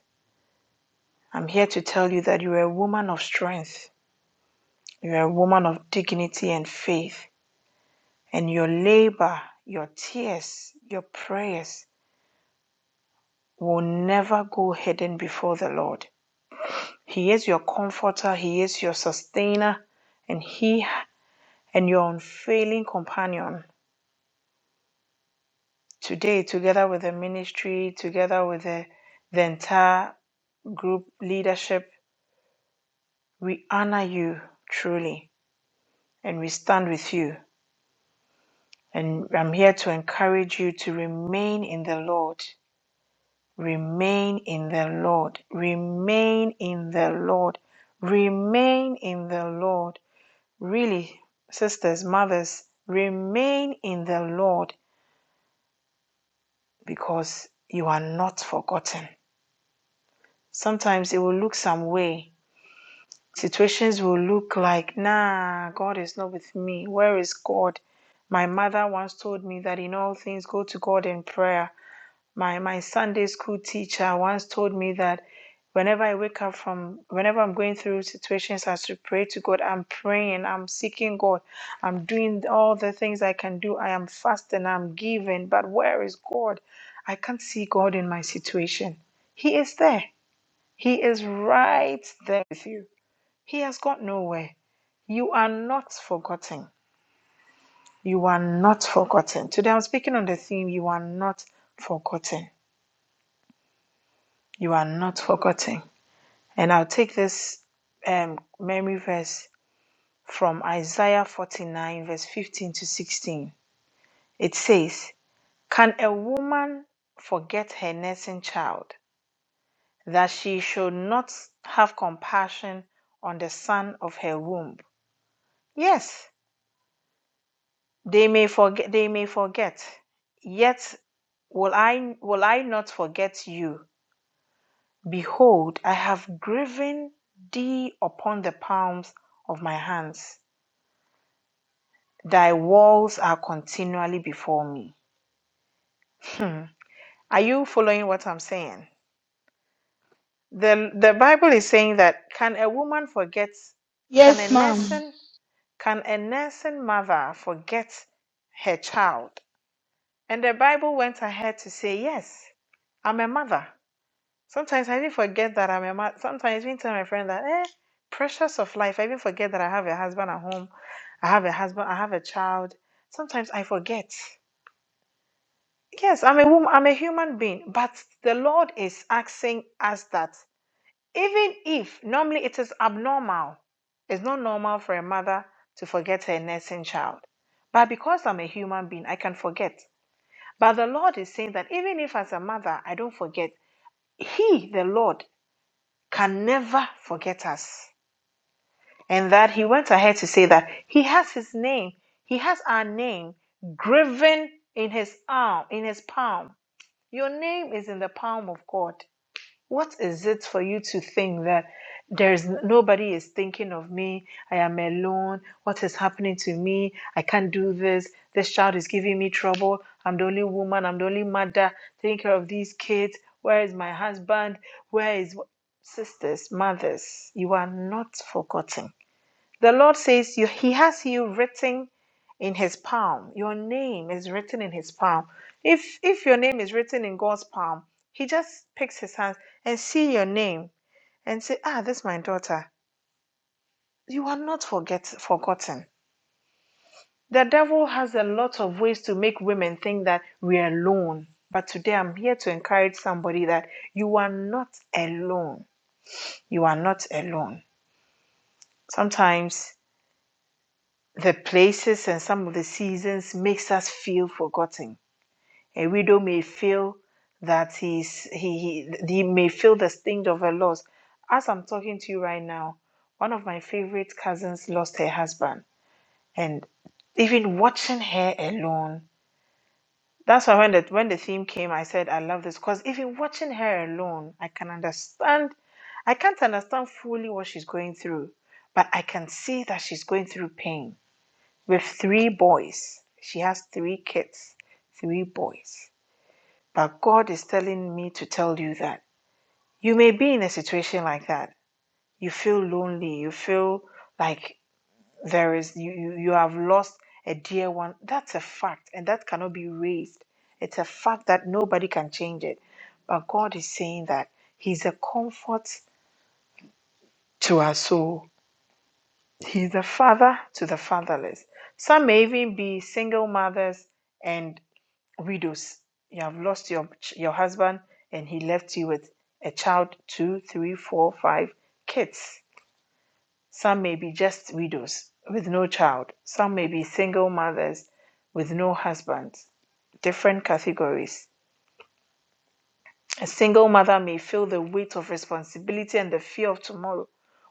[SPEAKER 4] I'm here to tell you that you are a woman of strength, you are a woman of dignity and faith, and your labor, your tears, your prayers will never go hidden before the Lord. He is your comforter, He is your sustainer, and He and your unfailing companion. Today, together with the ministry, together with the, the entire group leadership, we honor you truly and we stand with you. And I'm here to encourage you to remain in the Lord. Remain in the Lord. Remain in the Lord. Remain in the Lord Really, sisters, mothers, remain in the Lord because you are not forgotten. Sometimes it will look some way. Situations will look like, nah, God is not with me. Where is God? My mother once told me that in all things go to God in prayer. My my Sunday school teacher once told me that whenever I wake up from whenever I'm going through situations as to pray to God, I'm praying, I'm seeking God, I'm doing all the things I can do. I am fasting, I'm giving, but where is God? I can't see God in my situation. He is there. He is right there with you. He has gone nowhere. You are not forgotten. You are not forgotten. Today I'm speaking on the theme you are not forgotten. You are not forgotten. And I'll take this um, memory verse from Isaiah 49, verse 15 to 16. It says, Can a woman forget her nursing child, that she should not have compassion on the son of her womb? Yes, they may forget, they may forget, yet will I, will I not forget you? Behold, I have graven thee upon the palms of my hands. Thy walls are continually before me. Are you following what I'm saying? The, the Bible is saying that can a woman forget, can a
[SPEAKER 1] Yes, ma'am.
[SPEAKER 4] nursing, can a nursing mother forget her child? And the Bible went ahead to say, yes, I'm a mother. Sometimes I even forget that I'm a mother. Sometimes I even tell my friend that, eh, precious of life. I even forget that I have a husband at home. I have a husband. I have a child. Sometimes I forget. Yes, I'm a woman, I'm a human being, but the Lord is asking us that even if normally it is abnormal, it's not normal for a mother to forget her nursing child. But because I'm a human being, I can forget. But the Lord is saying that even if as a mother I don't forget, He, the Lord, can never forget us. And that He went ahead to say that He has His name, He has our name graven in His arm, in His palm. Your name is in the palm of God. What is it for you to think that there is nobody is thinking of me? I am alone. What is happening to me? I can't do this. This child is giving me trouble. I'm the only woman. I'm the only mother taking care of these kids. Where is my husband? Where is sisters, mothers? You are not forgotten. The Lord says you, He has you written in His palm. Your name is written in His palm. If if your name is written in God's palm, He just picks His hands and see your name and say, Ah, this is my daughter. You are not forget forgotten. The devil has a lot of ways to make women think that we are alone. But today I'm here to encourage somebody that you are not alone. You are not alone. Sometimes The places and some of the seasons makes us feel forgotten. A widow may feel that he's he, he he may feel the sting of her loss. As I'm talking to you right now, one of my favorite cousins lost her husband, and even watching her alone. That's why when the when the theme came, I said I love this because even watching her alone, I can understand. I can't understand fully what she's going through, but I can see that she's going through pain with three boys. She has three kids, three boys. But God is telling me to tell you that you may be in a situation like that. You feel lonely. You feel like there is you you, you have lost a dear one. That's a fact, and that cannot be raised. It's a fact that nobody can change it. But God is saying that He's a comfort to our soul. He's a father to the fatherless. Some may even be single mothers and. widows. You have lost your your husband, and he left you with a child, two, three, four, five kids. Some may be just widows with no child. Some may be single mothers with no husband. Different categories. A single mother may feel the weight of responsibility and the fear of tomorrow.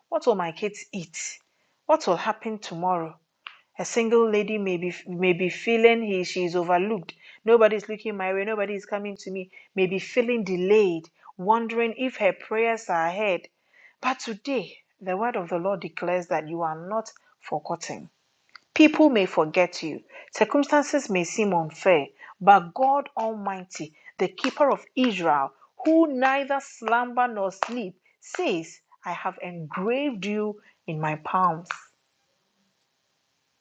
[SPEAKER 4] What will my kids eat? What will happen tomorrow? A single lady may be may be feeling he she is overlooked. Nobody's looking my way. Nobody is coming to me. May be feeling delayed, wondering if her prayers are heard. But today, the word of the Lord declares that you are not forgotten. People may forget you. Circumstances may seem unfair, but God Almighty, the keeper of Israel, who neither slumber nor sleep, says, I have engraved you in my palms.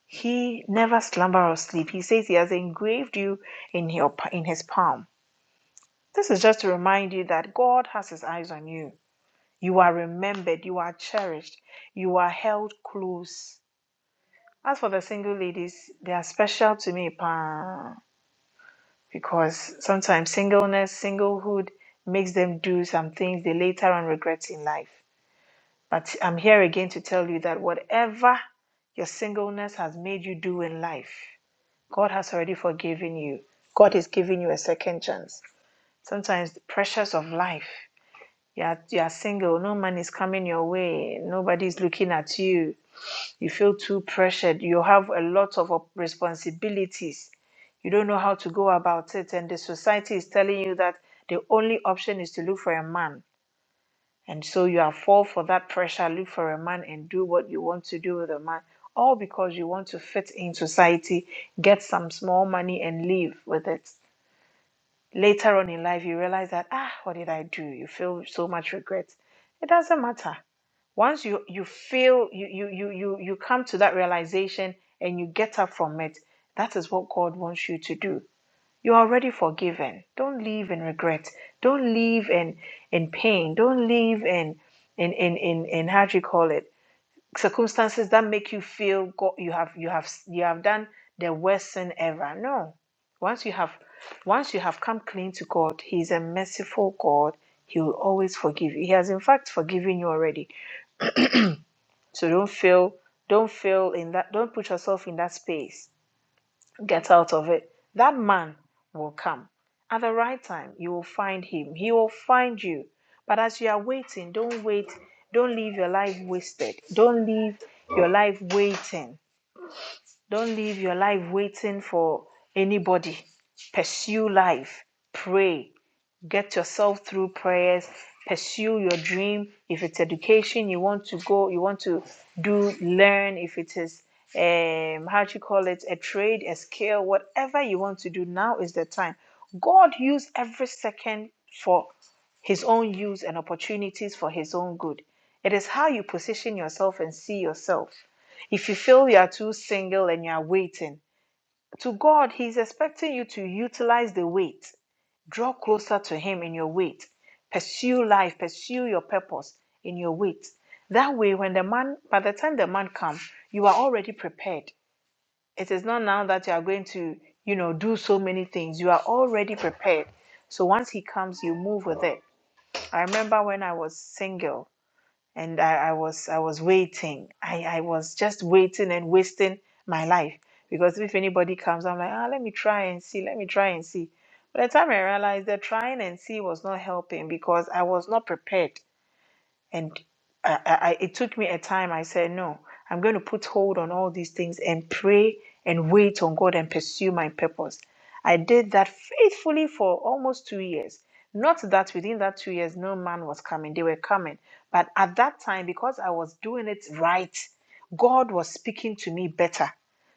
[SPEAKER 4] He never slumber or sleep. He says he has engraved you in your in his palm. This is just to remind you that God has his eyes on you. You are remembered, you are cherished, you are held close. As for the single ladies, they are special to me pa, because sometimes singleness, singlehood makes them do some things they later on regret in life. But I'm here again to tell you that whatever your singleness has made you do in life. God has already forgiven you. God is giving you a second chance. Sometimes the pressures of life. You are, you are single, no man is coming your way, nobody is looking at you. You feel too pressured. You have a lot of responsibilities. You don't know how to go about it, and the society is telling you that the only option is to look for a man. And so you are fall for that pressure, look for a man and do what you want to do with a man, all because you want to fit in society, get some small money and live with it. Later on in life, you realize that, ah, what did I do? You feel so much regret. It doesn't matter. Once you, you feel, you, you, you, you, you come to that realization and you get up from it, that is what God wants you to do. You're already forgiven. Don't live in regret. Don't live in in pain. Don't live in in in in, in how do you call it circumstances that make you feel God you have you have you have done the worst sin ever. No, once you have once you have come clean to God, He is a merciful God. He will always forgive you. He has in fact forgiven you already. So don't feel don't feel in that. Don't put yourself in that space Get out of it. That man will come. At the right time, you will find him. He will find you. But as you are waiting, don't wait. Don't leave your life wasted. Don't leave your life waiting. Don't leave your life waiting for anybody. Pursue life. Pray get yourself through prayers pursue your dream if it's education you want to go you want to do learn if it is um how do you call it a trade a skill whatever you want to do now is the time god used every second for his own use and opportunities for his own good it is how you position yourself and see yourself if you feel you are too single and you are waiting to god he's expecting you to utilize the wait Draw closer to Him in your wait. Pursue life, pursue your purpose in your wait. That way, when the man, by the time the man comes, you are already prepared. It is not now that you are going to, you know, do so many things. You are already prepared. So once he comes, you move with it. I remember when I was single and I, I was I was waiting. I, I was just waiting and wasting my life because if anybody comes, I'm like, ah, let me try and see, let me try and see. By the time I realized that trying and see was not helping because I was not prepared and I, I, it took me a time. I said, no, I'm going to put hold on all these things and pray and wait on God and pursue my purpose. I did that faithfully for almost two years. Not that within that two years, no man was coming, they were coming. But at that time, because I was doing it right, God was speaking to me better.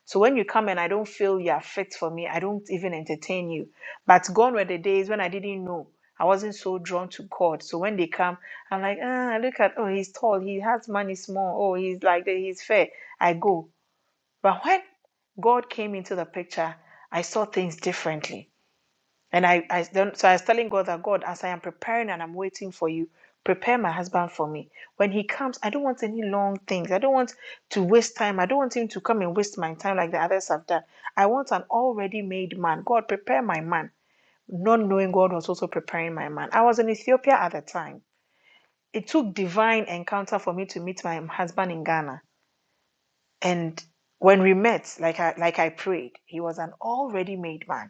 [SPEAKER 4] So when you come and I don't feel you are fit for me, I don't even entertain you. But gone were the days when I didn't know. I wasn't so drawn to God. So when they come, I'm like, ah, look at, oh, he's tall, he has money small, oh, he's like that, he's fair. I go. But when God came into the picture, I saw things differently. And I, I then, so I was telling God that God, as I am preparing and I'm waiting for you, prepare my husband for me. When he comes, I don't want any long things. I don't want to waste time. I don't want him to come and waste my time like the others have done. I want an already made man. God, prepare my man. Not knowing God was also preparing my man. I was in Ethiopia at the time it took divine encounter for me to meet my husband in Ghana. And when we met, like I like I prayed, he was an already made man.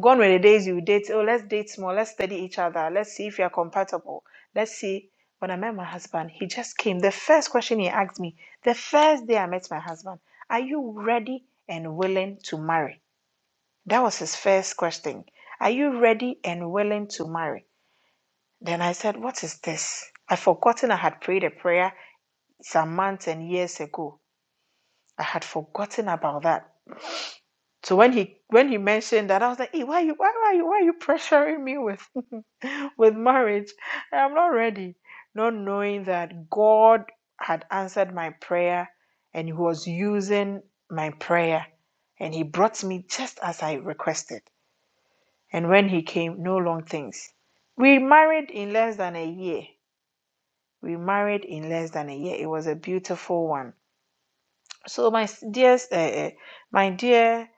[SPEAKER 4] Gone were the days you date, oh, let's date more, let's study each other, let's see if we are compatible. Let's see. When I met my husband, he just came. The first question he asked me, the first day I met my husband, are you ready and willing to marry? That was his first question. Are you ready and willing to marry? Then I said, What is this? I've forgotten I had prayed a prayer some months and years ago. I had forgotten about that. So when he when he mentioned that, I was like, hey, why are you why, why you why are you pressuring me with with marriage? I'm not ready. Not knowing that God had answered my prayer and he was using my prayer. And he brought me just as I requested. And when he came, no long things. We married in less than a year. We married in less than a year. It was a beautiful one So my s- dearest, uh, uh, my dear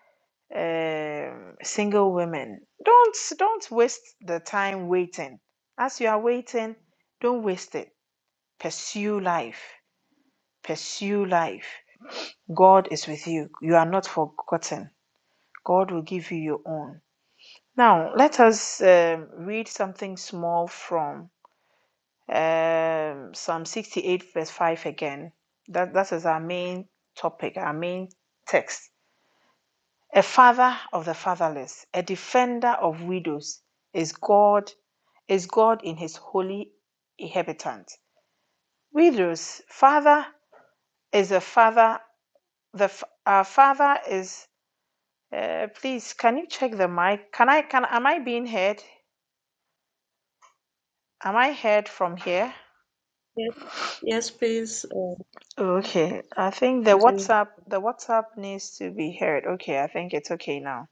[SPEAKER 4] um, single women, don't don't waste the time waiting. As you are waiting, don't waste it. Pursue life. Pursue life. God is with you. You are not forgotten. God will give you your own. Now let us um, read something small from um, Psalm 68, verse 5 again. That that is our main topic, our main text A father of the fatherless, a defender of widows is God, is God in his holy inhabitant. Widows, father is a father, the f- father is uh, please can you check the mic? Can I can am I being heard? Am I heard from here?
[SPEAKER 3] Yes, yes, please. Uh,
[SPEAKER 4] Okay, I think the
[SPEAKER 3] Veronica.
[SPEAKER 4] WhatsApp the WhatsApp needs to be heard. Okay, I think it's okay now.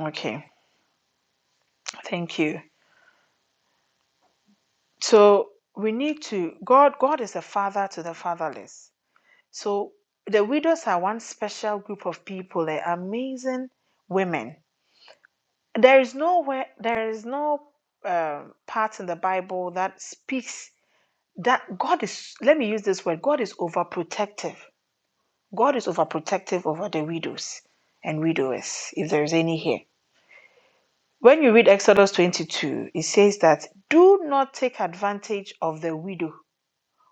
[SPEAKER 4] Okay, thank you. So we need to God God is a father to the fatherless. So the widows are one special group of people, eh, amazing women. There is nowhere, there is no um part in the Bible that speaks that God is. Let me use this word: God is overprotective. God is overprotective over the widows and widowers, if there is any here. When you read Exodus 22, it says that do not take advantage of the widow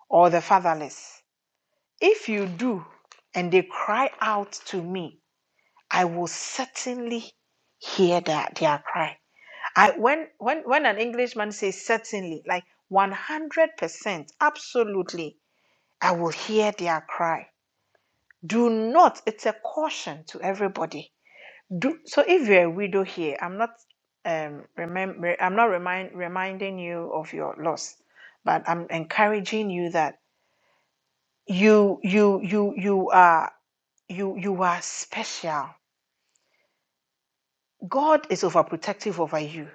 [SPEAKER 4] or the fatherless. If you do, and they cry out to me, I will certainly hear their, their cry. I when when when an Englishman says certainly, like one hundred percent, absolutely, I will hear their cry. Do not. It's a caution to everybody. Do so. If you're a widow here, I'm not um remember. I'm not remind reminding you of your loss, but I'm encouraging you that you you you you are you you are special. God is overprotective over you.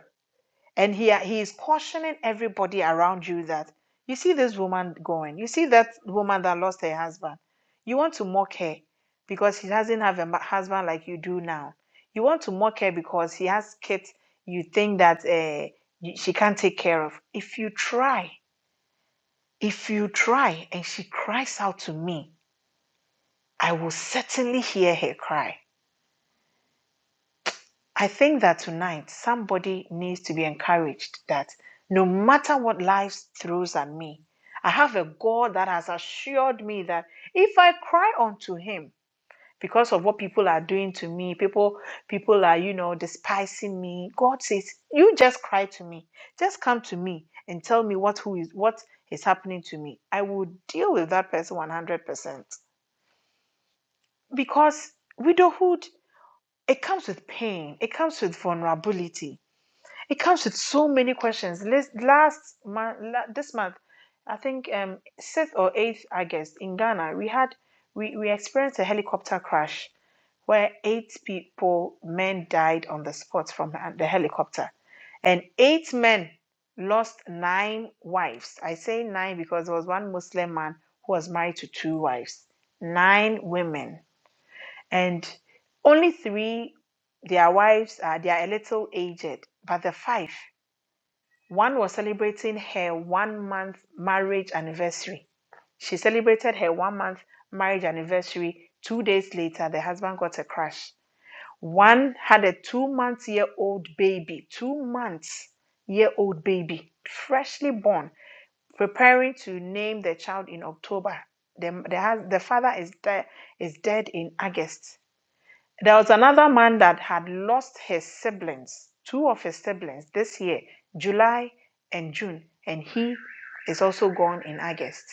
[SPEAKER 4] and he he is cautioning everybody around you that you see this woman going you see that woman that lost her husband you want to mock her because she doesn't have a husband like you do now you want to mock her because she has kids you think that uh, she can't take care of if you try if you try and she cries out to me i will certainly hear her cry I think that tonight somebody needs to be encouraged that no matter what life throws at me, I have a God that has assured me that if I cry unto him because of what people are doing to me, people people are, you know, despising me. God says, you just cry to me. Just come to me and tell me what who is what is happening to me. I will deal with that person 100% because widowhood it comes with pain, it comes with vulnerability it comes with so many questions. Last, last month, la- this month, I think um, 6th or 8th August in Ghana, we had we, we experienced a helicopter crash where eight people, men died on the spot from the helicopter. And eight men lost nine wives. I say nine because there was one Muslim man who was married to two wives, nine women. And only three, their wives are, they are a little aged, but the five one was celebrating her one month marriage anniversary. She celebrated her one month marriage anniversary. Two days later, the husband got a crash. One had a two month year old baby, two month year old baby, freshly born, preparing to name the child in October. The, the, the father is, de- is dead in August. There was another man that had lost his siblings, two of his siblings, this year, July and June, and he is also gone in August.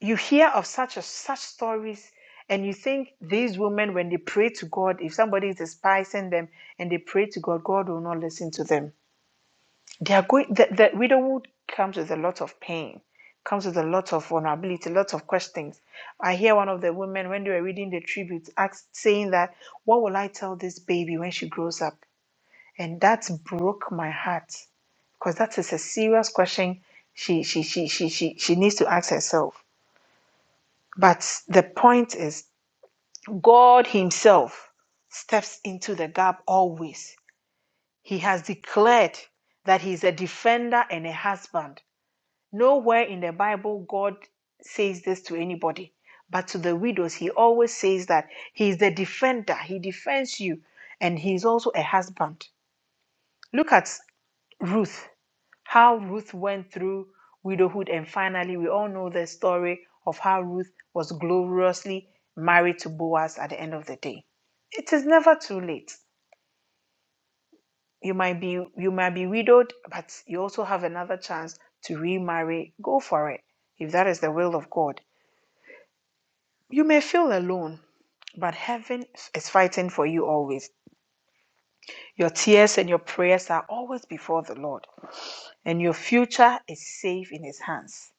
[SPEAKER 4] You hear of such a, such stories, and you think these women, when they pray to God, if somebody is despising them and they pray to God, God will not listen to them. They are going. The, the widowhood comes with a lot of pain, comes with a lot of vulnerability, lots of questions. I hear one of the women when they were reading the tribute ask, saying that, "What will I tell this baby when she grows up?" And that broke my heart because that is a serious question she she she she she, she needs to ask herself. But the point is, God Himself steps into the gap always. He has declared that He is a defender and a husband. Nowhere in the Bible God says this to anybody, but to the widows, he always says that he is the defender, he defends you, and he is also a husband. Look at Ruth, how Ruth went through widowhood, and finally, we all know the story of how Ruth was gloriously married to Boaz at the end of the day. It is never too late. You might be you might be widowed, but you also have another chance to remarry. Go for it if that is the will of God. You may feel alone, but heaven is fighting for you always. Your tears and your prayers are always before the Lord, and your future is safe in His hands.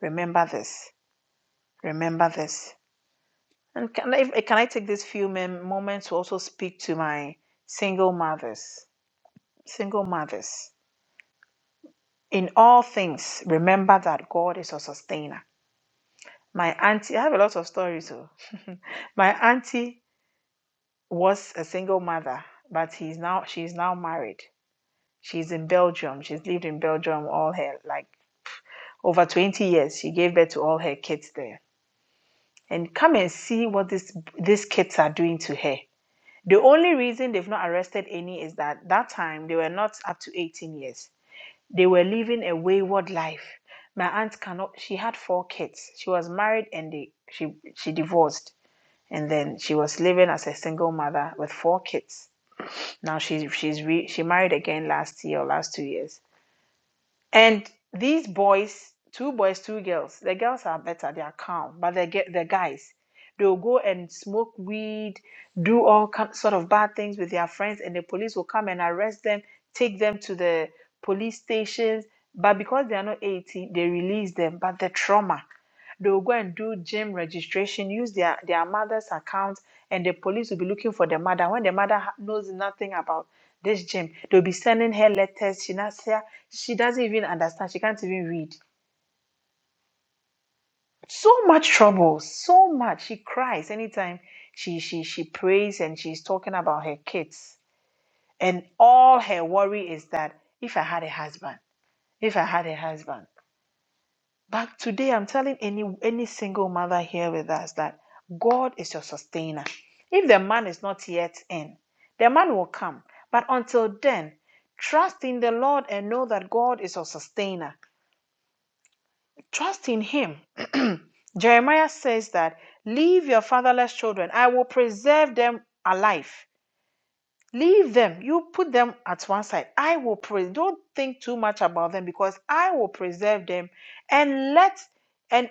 [SPEAKER 4] Remember this. Remember this. And can I, can I take this few moments to also speak to my single mothers? Single mothers. In all things, remember that God is a sustainer. My auntie, I have a lot of stories. So, my auntie was a single mother, but he's now she's now married. She's in Belgium. She's lived in Belgium all her like over 20 years. She gave birth to all her kids there. And come and see what this these kids are doing to her. The only reason they've not arrested any is that that time they were not up to 18 years. They were living a wayward life. My aunt cannot. She had four kids. She was married and they, she she divorced, and then she was living as a single mother with four kids. Now she she's re, she married again last year or last two years And these boys, two boys, two girls, the girls are better, they are calm, but the, ge- the guys, they'll go and smoke weed, do all kind, sort of bad things with their friends, and the police will come and arrest them, take them to the police stations. But because they are not 18, they release them. But the trauma, they'll go and do gym registration, use their, their mother's account, and the police will be looking for the mother. When the mother ha- knows nothing about this gym, they'll be sending her letters. She, not, say- she doesn't even understand. She can't even read. So much trouble, so much. She cries anytime she, she, she prays and she's talking about her kids. And all her worry is that if I had a husband, if I had a husband. But today, I'm telling any any single mother here with us that God is your sustainer. If the man is not yet in, the man will come. But until then, trust in the Lord and know that God is your sustainer. Trust in Him. Jeremiah says that leave your fatherless children. I will preserve them alive. Leave them. You put them at one side. I will preserve. Don't think too much about them because I will preserve them and let and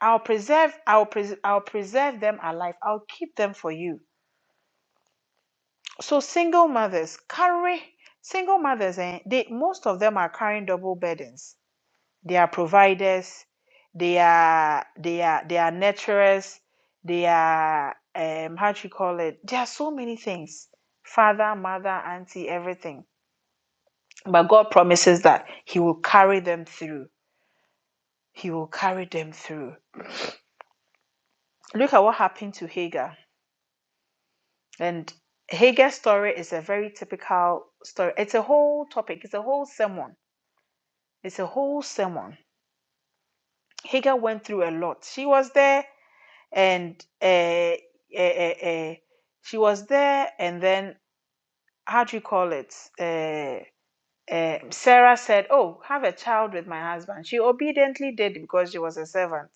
[SPEAKER 4] I'll preserve, I'll, pres- I'll preserve them alive. I'll keep them for you. So single mothers carry single mothers, and they most of them are carrying double burdens. They are providers, they are they are they are nurturers, they are um how do you call it? There are so many things. Father, mother, auntie, everything. But God promises that He will carry them through. He will carry them through. Look at what happened to Hagar. And Hagar's story is a very typical story. It's a whole topic, it's a whole sermon. It's a whole sermon. Hagar went through a lot. She was there and uh, uh, uh, uh, she was there, and then how do you call it? Uh, uh, Sarah said, Oh, have a child with my husband. She obediently did because she was a servant.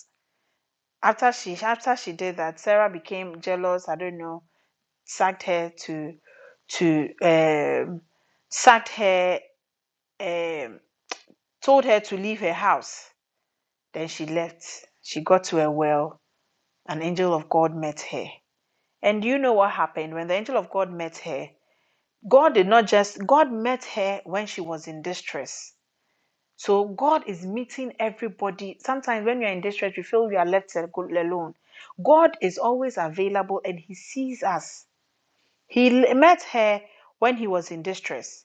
[SPEAKER 4] After she after she did that, Sarah became jealous. I don't know, sacked her to to um, sacked her um, told her to leave her house. Then she left. She got to a well. An angel of God met her. And you know what happened? When the angel of God met her, God did not just, God met her when she was in distress. So God is meeting everybody. Sometimes when you're in distress, you feel you are left alone. God is always available and He sees us. He met her when He was in distress.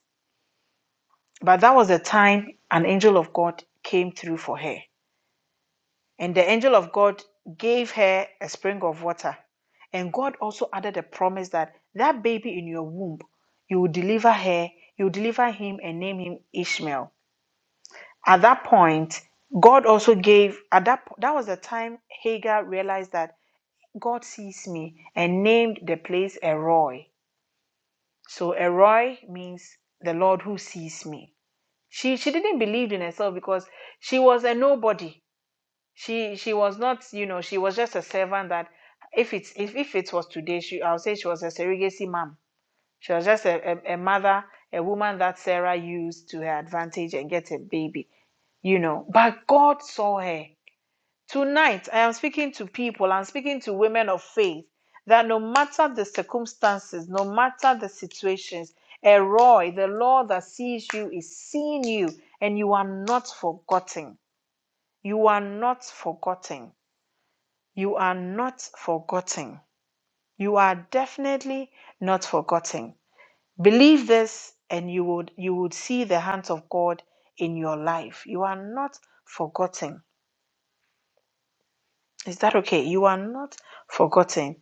[SPEAKER 4] But that was the time an angel of God came through for her. And the angel of God gave her a spring of water. And God also added a promise that that baby in your womb, you will deliver her, you will deliver him and name him Ishmael. At that point, God also gave at that po- that was the time Hagar realized that God sees me and named the place Eroi. So Eroi means the Lord who sees me. She she didn't believe in herself because she was a nobody. she she was not you know she was just a servant that if it's if, if it was today she i would say she was a surrogacy mom she was just a, a, a mother a woman that sarah used to her advantage and get a baby you know but god saw her tonight i am speaking to people i'm speaking to women of faith that no matter the circumstances no matter the situations Eroi, the Lord that sees you is seeing you, and you are not forgotten. You are not forgotten you are not forgotten. You are definitely not forgotten. Believe this and you would you would see the hands of God in your life. You are not forgotten. Is that okay? You are not forgotten.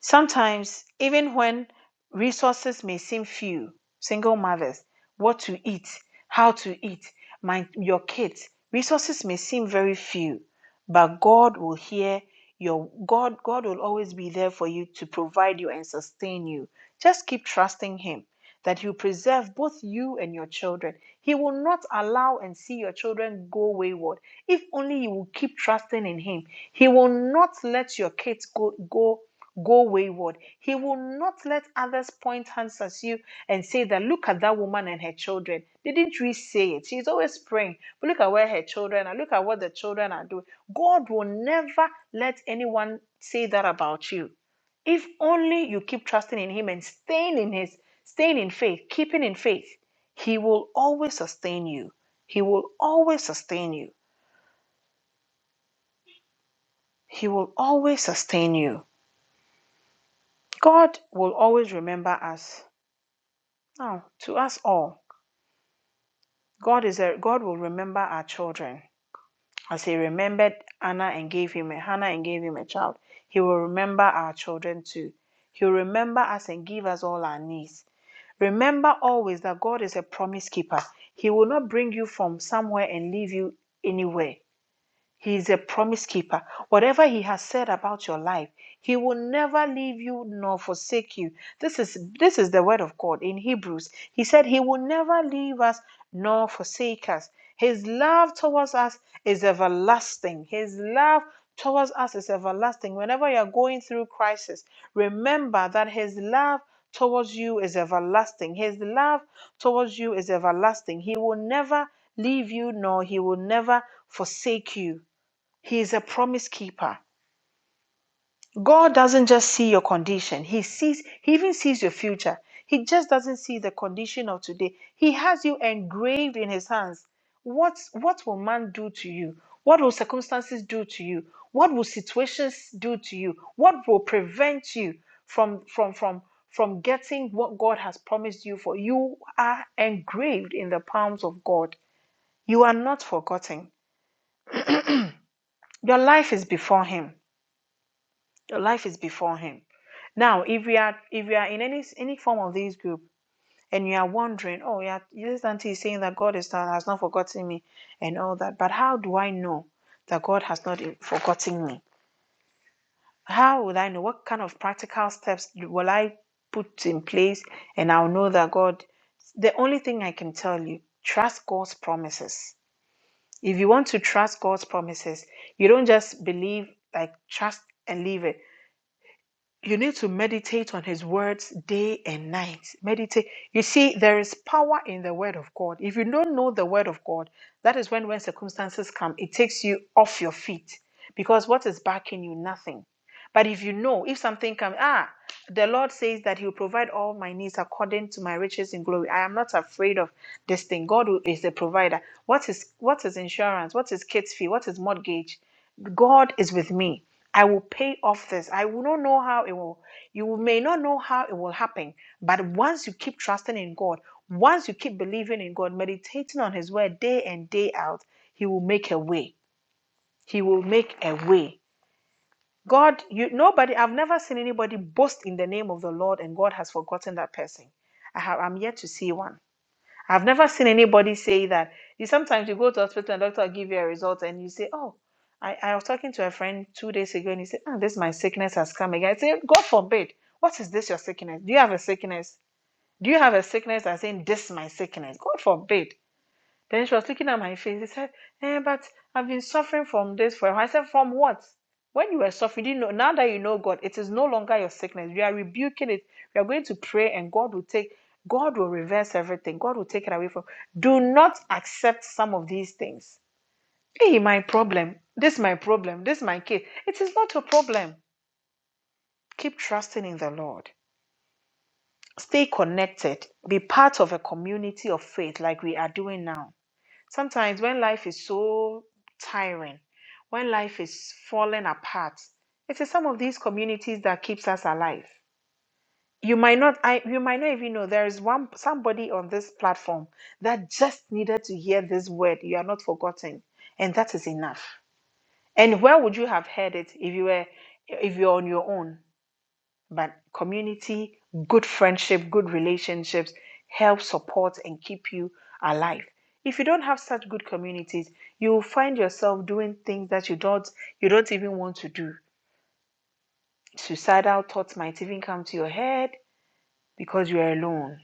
[SPEAKER 4] Sometimes, even when resources may seem few, single mothers, what to eat, how to eat, my, your kids, resources may seem very few, but God will hear your God, God will always be there for you to provide you and sustain you. Just keep trusting Him that He'll preserve both you and your children. He will not allow and see your children go wayward. If only you will keep trusting in Him, He will not let your kids go go go wayward. He will not let others point hands at you and say that, look at that woman and her children. Didn't we say it? She's always praying. But look at where her children are. Look at what the children are doing. God will never let anyone say that about you. If only you keep trusting in Him and staying in His, staying in faith, keeping in faith, He will always sustain you. He will always sustain you. He will always sustain you. God will always remember us Now, to us all, God is a, God will remember our children as He remembered Anna and gave him a, Hannah and gave him a child. He will remember our children too. He'll remember us and give us all our needs. Remember always that God is a promise keeper. He will not bring you from somewhere and leave you anywhere. He is a promise keeper. Whatever He has said about your life, He will never leave you nor forsake you. This is this is the word of God in Hebrews. He said He will never leave us nor forsake us. His love towards us is everlasting. His love towards us is everlasting. Whenever you are going through crisis, remember that His love towards you is everlasting. His love towards you is everlasting. He will never leave you nor He will never forsake you. He is a promise keeper. God doesn't just see your condition. He sees he even sees your future. He just doesn't see the condition of today. He has you engraved in his hands. What what will man do to you? What will circumstances do to you? What will situations do to you? What will prevent you from from from from getting what God has promised you for? You are engraved in the palms of God. You are not forgotten. Your life is before him. Your life is before him. Now, if we are if we are in any any form of this group and you are wondering, oh yeah, this auntie is saying that God is not, has not forgotten me and all that, but how do I know that God has not eh, forgotten me? How would I know? What kind of practical steps will I put in place and I'll know that God? The only thing I can tell you, trust God's promises. If you want to trust God's promises, you don't just believe like trust and leave it you need to meditate on his words day and night. Meditate. You see, there is power in the word of God. If you don't know the word of God, that is when when circumstances come, it takes you off your feet because what is backing you? Nothing. But if you know, if something comes, ah, the Lord says that He will provide all my needs according to my riches in glory. I am not afraid of this thing. God who is the provider. What is what is insurance? What is kids fee? What is mortgage? God is with me. I will pay off this. I will not know how it will, you may not know how it will happen, but once you keep trusting in God, once you keep believing in God, meditating on His word day and day out, He will make a way. He will make a way. God, you nobody, I've never seen anybody boast in the name of the Lord and God has forgotten that person. I have, I'm yet to see one. I've never seen anybody say that. You sometimes you go to hospital and doctor will give you a result and you say, Oh, I, I was talking to a friend two days ago and he said, Oh, this my sickness has come again. I say, God forbid. What is this your sickness? Do you have a sickness? Do you have a sickness that's saying this my sickness? God forbid. Then she was looking at my face. She said, eh, but I've been suffering from this for a while. I said, from what? When you were suffering, you didn't know. Now that you know God, it is no longer your sickness. We are rebuking it. We are going to pray, and God will take, God will reverse everything. God will take it away from. you. Do not accept some of these things. Hey, my problem. This is my problem. This is my case. It is not your problem. Keep trusting in the Lord. Stay connected. Be part of a community of faith like we are doing now. Sometimes when life is so tiring, when life is falling apart, it is some of these communities that keeps us alive. You might not I you might not even know there is one somebody on this platform that just needed to hear this word. You are not forgotten. And that is enough. And where would you have heard it if you were if you're on your own? But community, good friendship, good relationships help support and keep you alive. If you don't have such good communities, you will find yourself doing things that you don't you don't even want to do. Suicidal thoughts might even come to your head because you are alone.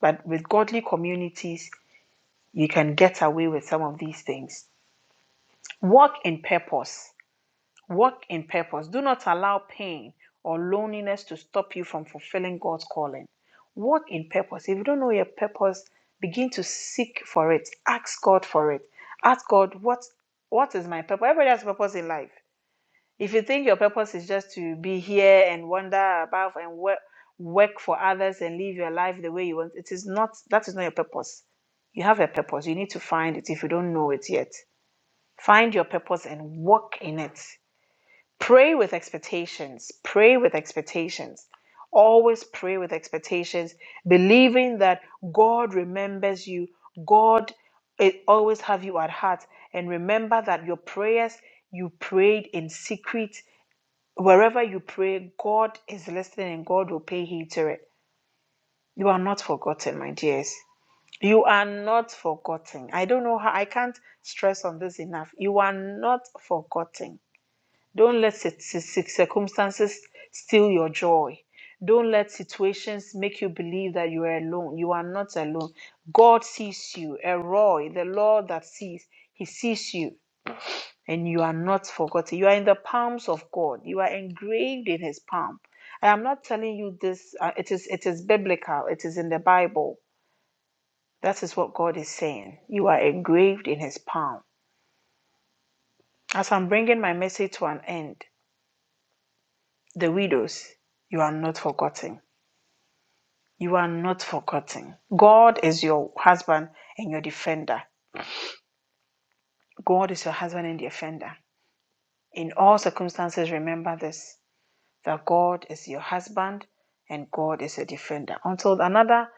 [SPEAKER 4] But with godly communities, you can get away with some of these things. Walk in purpose. Walk in purpose. Do not allow pain or loneliness to stop you from fulfilling God's calling. Walk in purpose. If you don't know your purpose, begin to seek for it. Ask God for it. Ask God, what, what is my purpose? Everybody has purpose in life. If you think your purpose is just to be here and wander about and work, work for others and live your life the way you want, it is not, that is not your purpose. You have a purpose. You need to find it if you don't know it yet. Find your purpose and walk in it Pray with expectations. Pray with expectations. Always pray with expectations, believing that God remembers you. God eh, always have you at heart. And remember that your prayers you prayed in secret, wherever you pray, God is listening and God will pay heed to it. You are not forgotten, my dears. You are not forgotten. I don't know how I can't stress on this enough. You are not forgotten. Don't let circumstances steal your joy. Don't let situations make you believe that you are alone. You are not alone. God sees you. Eroi, the Lord that sees, He sees you, and you are not forgotten. You are in the palms of God. You are engraved in His palm. I am not telling you this. Uh, it is it is biblical. It is in the Bible. That is what God is saying. You are engraved in His palm. As I'm bringing my message to an end, the widows, you are not forgotten You are not forgotten. God is your husband and your defender. God is your husband and defender. In all circumstances, remember this that God is your husband and God is your defender. Until another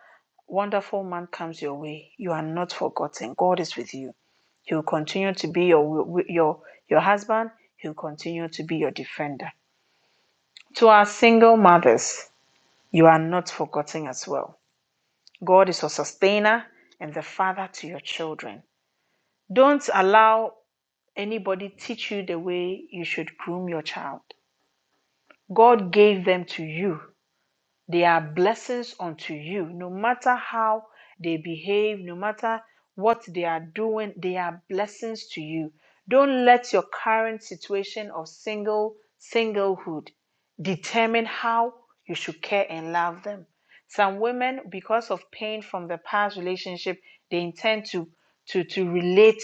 [SPEAKER 4] wonderful man comes your way, you are not forgotten. God is with you. He will continue to be your, your, your husband, He will continue to be your defender. To our single mothers, you are not forgotten as well. God is your sustainer and the father to your children. Don't allow anybody teach you the way you should groom your child. God gave them to you they are blessings unto you. No matter how they behave, no matter what they are doing, they are blessings to you. Don't let your current situation of single singlehood determine how you should care and love them. Some women, because of pain from the past relationship, they intend to to to relate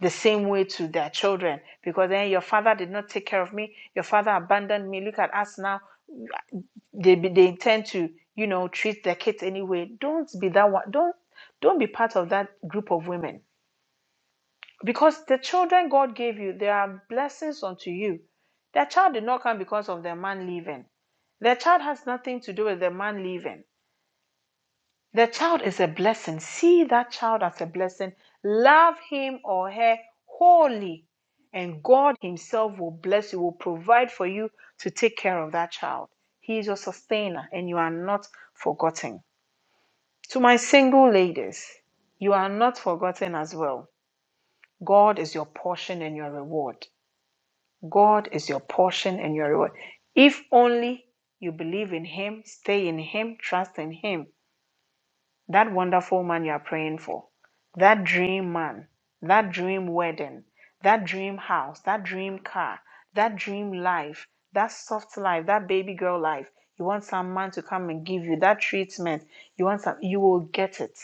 [SPEAKER 4] the same way to their children because then your father did not take care of me, your father abandoned me. Look at us now they be, they intend to you know treat their kids anyway don't be that one don't don't be part of that group of women because the children god gave you they are blessings unto you their child did not come because of their man leaving their child has nothing to do with the man leaving the child is a blessing. See that child as a blessing. Love him or her wholly, and God Himself will bless you, will provide for you to take care of that child. He is your sustainer, and you are not forgotten. To my single ladies, you are not forgotten as well. God is your portion and your reward. God is your portion and your reward. If only you believe in Him, stay in Him, trust in Him. that wonderful man you are praying for, that dream man, that dream wedding, that dream house, that dream car, that dream life, that soft life, that baby girl life. You want some man to come and give you that treatment. You want some, you will get it.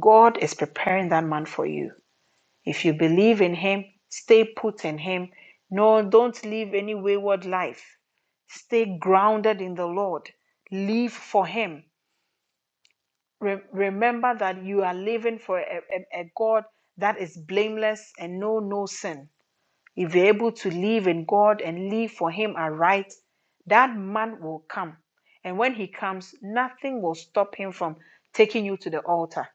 [SPEAKER 4] God is preparing that man for you. If you believe in him, stay put in him. No, don't live any wayward life. Stay grounded in the Lord. Live for him Re- remember that you are living for a, a, a God that is blameless and know no sin. If you're able to live in God and live for Him aright, that man will come. And when he comes, nothing will stop him from taking you to the altar.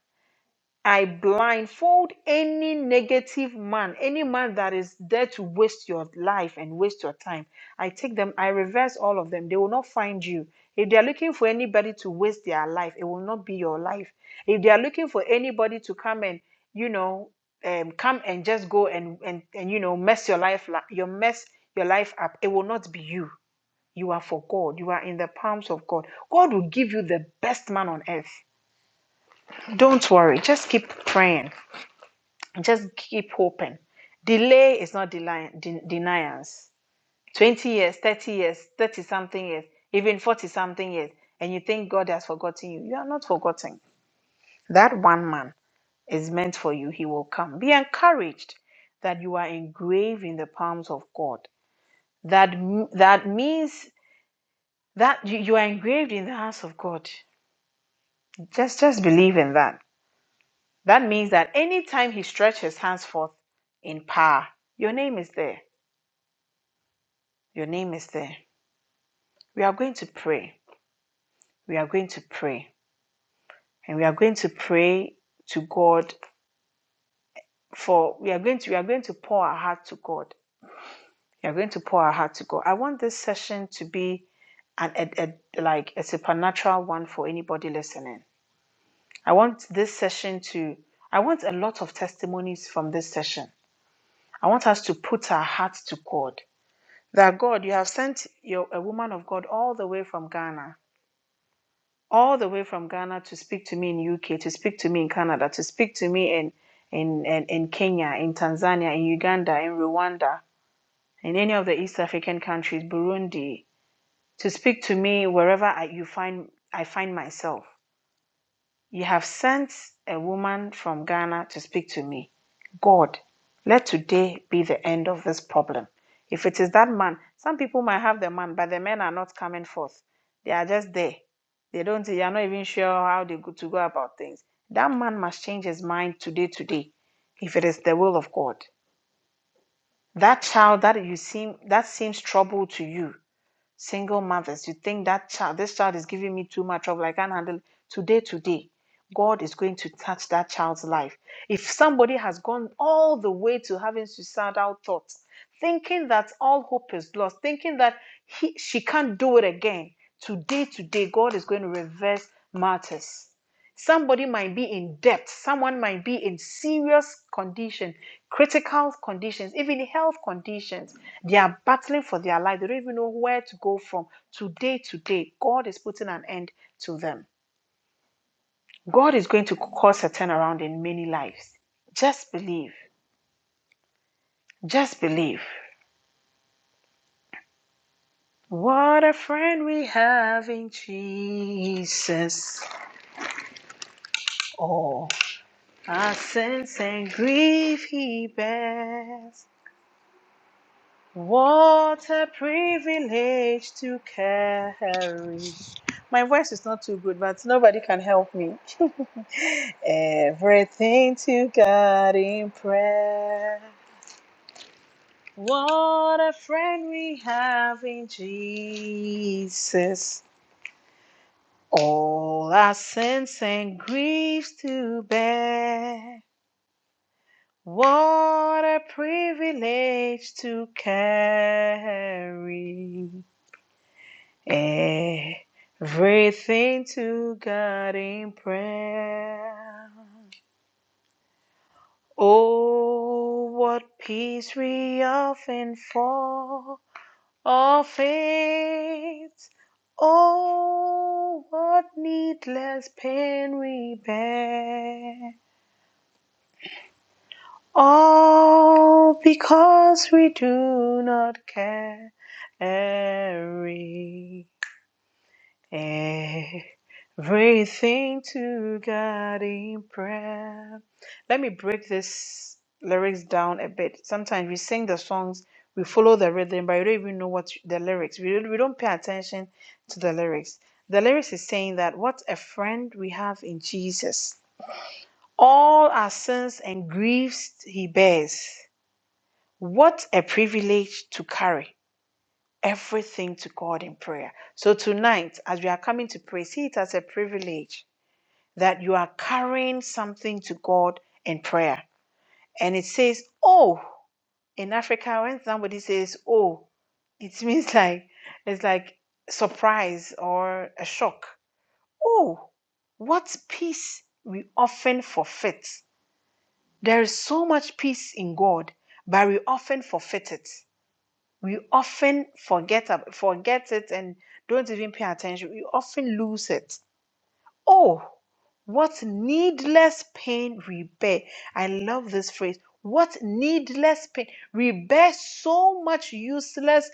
[SPEAKER 4] I blindfold any negative man, any man that is there to waste your life and waste your time. I take them, I reverse all of them. They will not find you. If they are looking for anybody to waste their life, it will not be your life. If they are looking for anybody to come and, you know, um, come and just go and, and, and you know, mess your life, la- your mess your life up, it will not be you. You are for God. You are in the palms of God. God will give you the best man on earth. Don't worry. Just keep praying just keep hoping. Delay is not deli- de- denials. 20 years, 30 years, 30 something years, even 40 something years, and you think God has forgotten you. You are not forgotten. That one man is meant for you. He will come. Be encouraged that you are engraved in the palms of God. That m- that means that you, you are engraved in the hands of God. Just just believe in that. That means that anytime he stretches his hands forth in power, your name is there Your name is there. We are going to pray. We are going to pray. And we are going to pray to God for we are going to we are going to pour our heart to God. We are going to pour our heart to God. I want this session to be an a, a, like a supernatural one for anybody listening. I want this session to I want a lot of testimonies from this session. I want us to put our hearts to God. That God, you have sent your a woman of God all the way from Ghana all the way from Ghana to speak to me in UK, to speak to me in Canada, to speak to me in in, in, in Kenya, in Tanzania, in Uganda, in Rwanda, in any of the East African countries, Burundi, to speak to me wherever I, you find I find myself. You have sent a woman from Ghana to speak to me. God, let today be the end of this problem. If it is that man, some people might have the man, but the men are not coming forth. They are just there. They don't, they are not even sure how they go to go about things. That man must change his mind today, today, if it is the will of God. That child that you seem that seems trouble to you single mothers, you think that child, this child is giving me too much trouble, I can't handle it. Today, today, God is going to touch that child's life. If somebody has gone all the way to having suicidal thoughts, thinking that all hope is lost, thinking that he, she can't do it again, today, today, God is going to reverse matters. Somebody might be in debt. Someone might be in serious condition, critical conditions, even health conditions. They are battling for their life. They don't even know where to go from. Today, to day. God is putting an end to them. God is going to cause a turnaround in many lives. Just believe. Just believe. What a friend we have in Jesus. All our sins and grief he bears. What a privilege to carry. My voice is not too good, but nobody can help me. Everything to God in prayer. What a friend we have in Jesus. All our sins and griefs to bear. What a privilege to carry. Everything to God in prayer. Oh, what peace we often fall of faith. Oh, what needless pain we bear. All because we do not carry Everything to God in prayer. Let me break this lyrics down a bit. Sometimes we sing the songs, we follow the rhythm, but we don't even know what the lyrics. We don't, we don't pay attention to the lyrics. The lyrics is saying that what a friend we have in Jesus. All our sins and griefs he bears. What a privilege to carry everything to God in prayer. So tonight, as we are coming to pray, see it as a privilege that you are carrying something to God in prayer. And it says, oh, in Africa, when somebody says, oh, it means like, it's like surprise or a shock. Oh, what peace we often forfeit. There is so much peace in God, but we often forfeit it we often forget ab- forget it and don't even pay attention we often lose it oh what needless pain we bear i love this phrase what needless pain we bear so much useless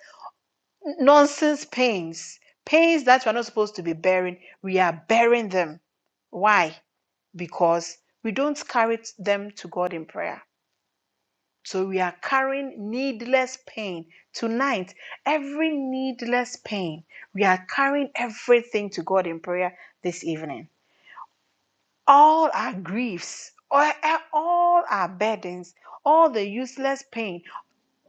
[SPEAKER 4] nonsense pains pains that we're not supposed to be bearing we are bearing them why because we don't carry them to god in prayer so we are carrying needless pain. Tonight, every needless pain, we are carrying everything to God in prayer this evening. All our griefs, all our burdens, all the useless pain,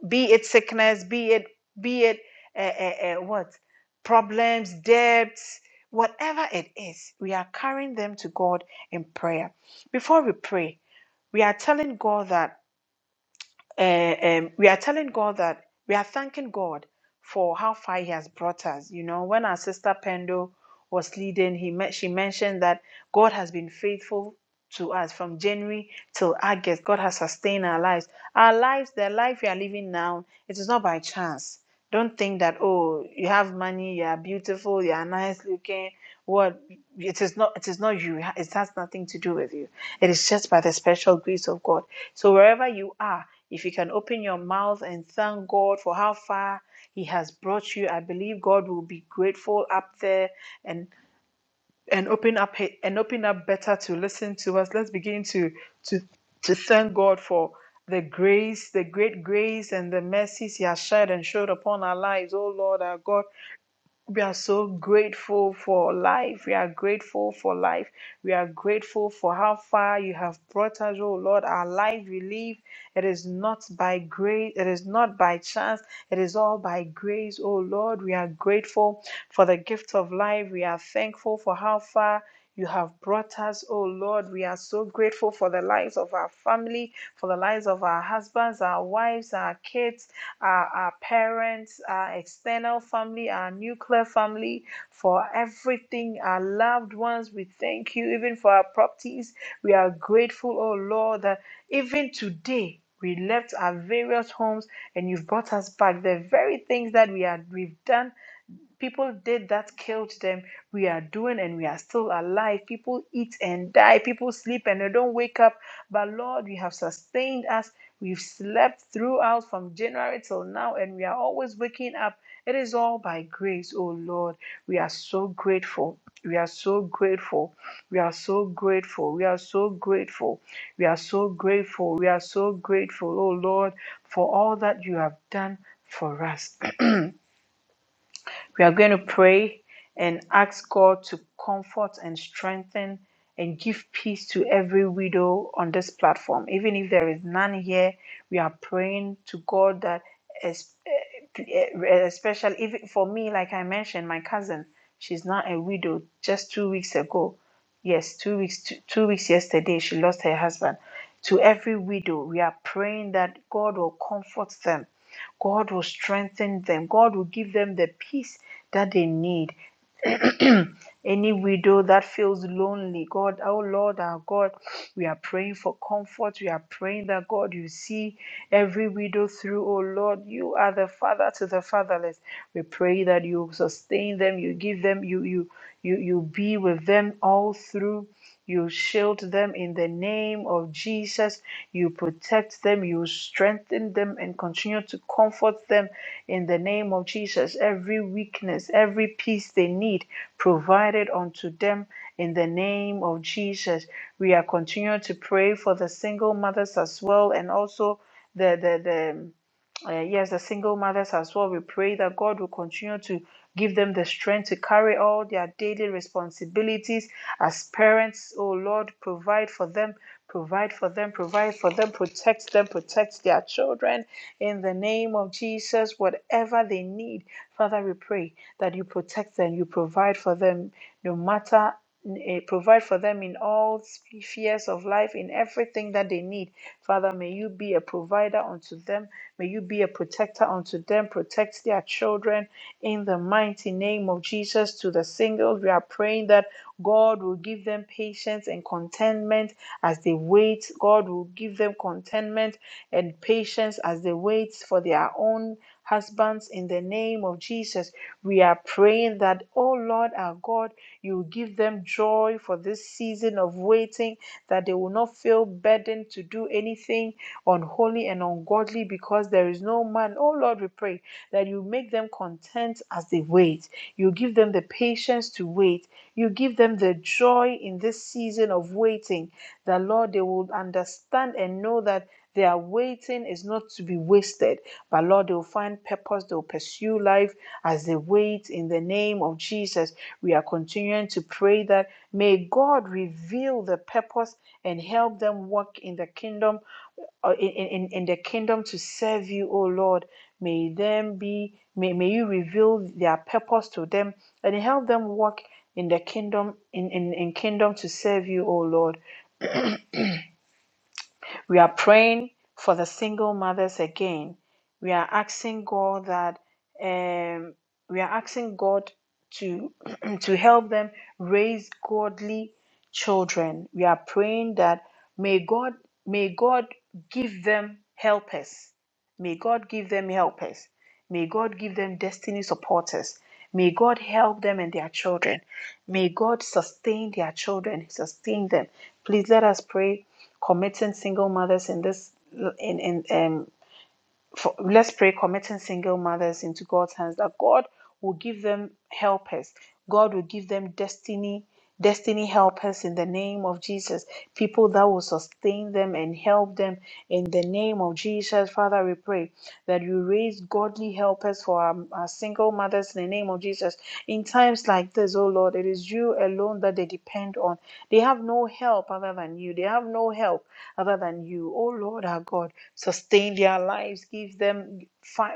[SPEAKER 4] be it sickness, be it, be it, uh, uh, uh, what? Problems, debts, whatever it is, we are carrying them to God in prayer. Before we pray, we are telling God that uh, um, we are telling God that we are thanking God for how far He has brought us. You know, when our sister Pendo was leading, he men- she mentioned that God has been faithful to us from January till August. God has sustained our lives. Our lives, the life we are living now, it is not by chance. Don't think that oh, you have money, you are beautiful, you are nice looking. What it is not, it is not you. It has nothing to do with you. It is just by the special grace of God. So, wherever you are, if you can open your mouth and thank God for how far He has brought you, I believe God will be grateful up there and and open up and open up better to listen to us. Let's begin to to to thank God for the grace, the great grace and the mercies He has shed and showed upon our lives. Oh Lord, our God. We are so grateful for life. We are grateful for life. We are grateful for how far you have brought us, oh Lord. Our life we live, it is not by grace, it is not by chance, it is all by grace, oh Lord. We are grateful for the gift of life. We are thankful for how far. You have brought us, oh Lord. We are so grateful for the lives of our family, for the lives of our husbands, our wives, our kids, our, our parents, our external family, our nuclear family, for everything, our loved ones. We thank you, even for our properties. We are grateful, oh Lord, that even today we left our various homes and you've brought us back. The very things that we had we've done people did that killed them we are doing and we are still alive people eat and die people sleep and they don't wake up but lord you have sustained us we've slept throughout from january till now and we are always waking up it is all by grace oh lord we are so grateful we are so grateful. We are so grateful. We are so grateful. We are so grateful. We are so grateful, oh Lord, for all that you have done for us. We are going to pray and ask God to comfort and strengthen and give peace to every widow on this platform. Even if there is none here, we are praying to God that, es- eh, eh, especially even for me, like I mentioned, my cousin, she's not a widow just two weeks ago. Yes, two weeks, two, two weeks yesterday, she lost her husband. To every widow, we are praying that God will comfort them God will strengthen them. God will give them the peace that they need. Any widow that feels lonely, God, oh Lord, our God, we are praying for comfort. We are praying that God, you see every widow through, oh Lord, you are the father to the fatherless. We pray that you sustain them, you give them, you you you you be with them all through you shield them in the name of Jesus. You protect them. You strengthen them and continue to comfort them in the name of Jesus. Every weakness, every peace they need, provided unto them in the name of Jesus. We are continuing to pray for the single mothers as well and also the, the, the uh, yes, the single mothers as well. We pray that God will continue to give them the strength to carry all their daily responsibilities as parents. Oh Lord, provide for them, provide for them, provide for them, protect them, protect their children. In the name of Jesus, whatever they need, Father, we pray that you protect them, you provide for them no matter eh, provide for them in all spheres of life in everything that they need father may you be a provider unto them may you be a protector unto them protect their children in the mighty name of jesus to the singles we are praying that god will give them patience and contentment as they wait god will give them contentment and patience as they wait for their own Husbands, in the name of Jesus, we are praying that, oh Lord our God, you give them joy for this season of waiting, that they will not feel burdened to do anything unholy and ungodly because there is no man. Oh Lord, we pray that you make them content as they wait. You give them the patience to wait. You give them the joy in this season of waiting that Lord, they will understand and know that their waiting is not to be wasted, but Lord, they will find purpose, they will pursue life as they wait in the name of Jesus. We are continuing to pray that may God reveal the purpose and help them walk in the kingdom, or in, in, in the kingdom to serve you, O Lord. May them be, may, may you reveal their purpose to them and help them walk in the kingdom, in, in, in kingdom to serve you, O Lord. We are praying for the single mothers again. We are asking God that um, we are asking God to to help them raise godly children. We are praying that may God may God give them helpers. May God give them helpers. May God give them destiny supporters. May God help them and their children. May God sustain their children, sustain them. Please let us pray committing single mothers in this in in um for, let's pray committing single mothers into God's hands that God will give them helpers. God will give them destiny destiny helpers in the name of Jesus. People that will sustain them and help them in the name of Jesus. Father, we pray that you raise godly helpers for our, our single mothers in the name of Jesus. In times like this, oh Lord, it is you alone that they depend on. They have no help other than you. They have no help other than you. Oh Lord our God, sustain their lives, give them,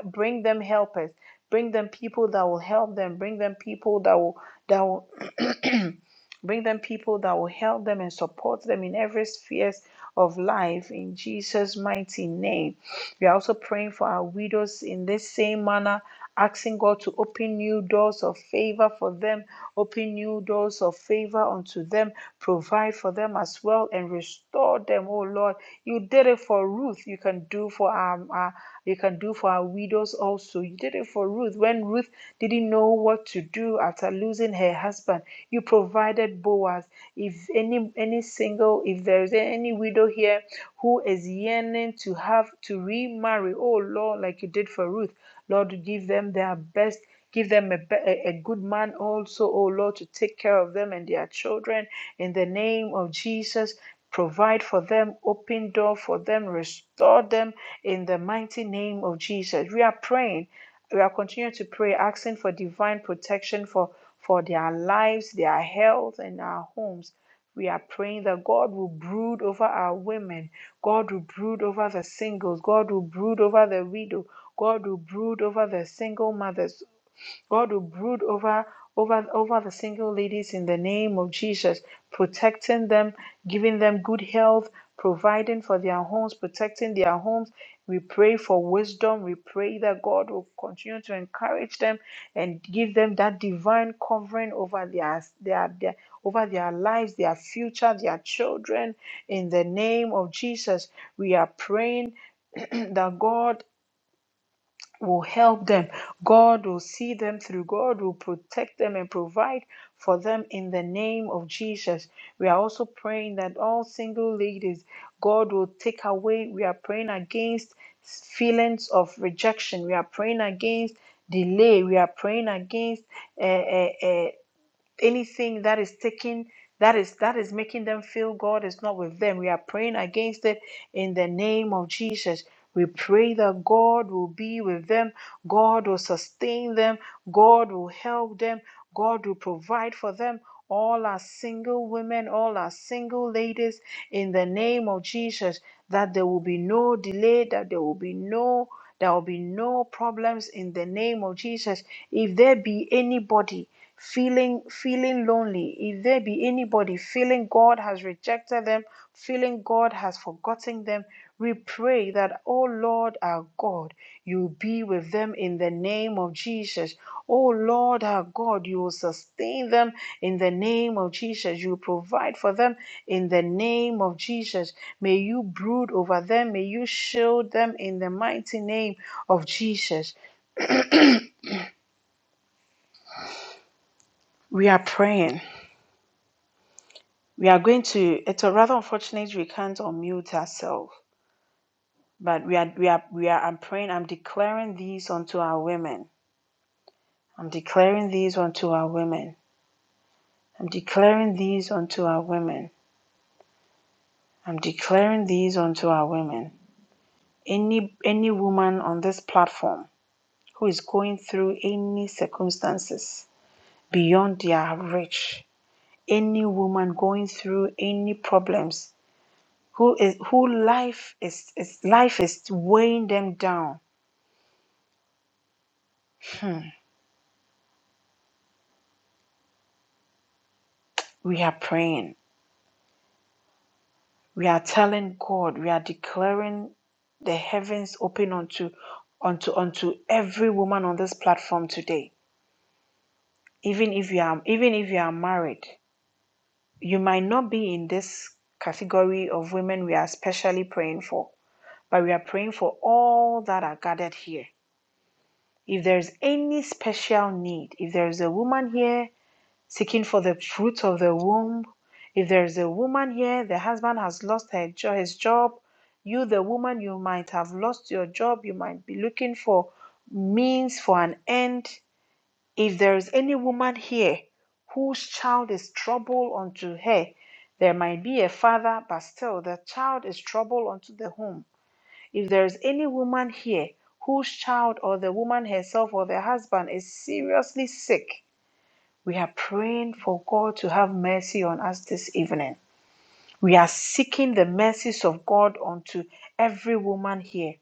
[SPEAKER 4] bring them helpers, bring them people that will help them, bring them people that will that will Bring them people that will help them and support them in every sphere of life in Jesus' mighty name. We are also praying for our widows in this same manner, asking God to open new doors of favor for them, open new doors of favor unto them, provide for them as well, and restore them, oh Lord. You did it for Ruth, you can do for our, our, you can do for our widows also. You did it for Ruth when Ruth didn't know what to do after losing her husband. You provided Boaz. If any any single, if there is any widow here who is yearning to have to remarry, oh Lord, like you did for Ruth, Lord, give them their best. Give them a, a a good man also, oh Lord, to take care of them and their children in the name of Jesus. Provide for them, open door for them, restore them in the mighty name of Jesus. We are praying. We are continuing to pray, asking for divine protection for, for their lives, their health, and our homes. We are praying that God will brood over our women. God will brood over the singles. God will brood over the widow. God will brood over the single mothers. God will brood over over over the single ladies in the name of Jesus, protecting them, giving them good health, providing for their homes, protecting their homes. We pray for wisdom. We pray that God will continue to encourage them and give them that divine covering over their their, their over their lives, their future, their children. In the name of Jesus, we are praying that God will help them. God will see them through. God will protect them and provide for them in the name of Jesus. We are also praying that all single ladies, God will take away. We are praying against feelings of rejection. We are praying against delay. We are praying against uh, anything that is taking that is that is making them feel God is not with them. We are praying against it in the name of Jesus. We pray that God will be with them, God will sustain them, God will help them, God will provide for them. All our single women, all our single ladies, in the name of Jesus, that there will be no delay, that there will be no there will be no problems in the name of Jesus. If there be anybody feeling feeling lonely if there be anybody feeling god has rejected them feeling god has forgotten them we pray that oh lord our god you be with them in the name of jesus oh lord our god you will sustain them in the name of jesus you provide for them in the name of jesus may you brood over them may you shield them in the mighty name of jesus we are praying We are going to. It's a rather unfortunate we can't unmute ourselves, but we are. We are. We are. I'm praying. I'm declaring these unto our women. I'm declaring these unto our women. I'm declaring these unto our women. I'm declaring these unto our women. Any any woman on this platform who is going through any circumstances beyond their reach, any woman going through any problems who is who life is, is life is weighing them down We are praying. We are telling God. We are declaring the heavens open unto unto unto every woman on this platform today. Even if you are even if you are married, you might not be in this category of women we are especially praying for, but we are praying for all that are gathered here. If there is any special need, if there is a woman here seeking for the fruits of the womb. If there is a woman here, the husband has lost her jo- his job. You, the woman, you might have lost your job. You might be looking for means for an end. If there is any woman here whose child is trouble unto her, there might be a father, but still the child is trouble unto the home. If there is any woman here whose child or the woman herself or the husband is seriously sick, we are praying for God to have mercy on us this evening. We are seeking the mercies of God unto every woman here.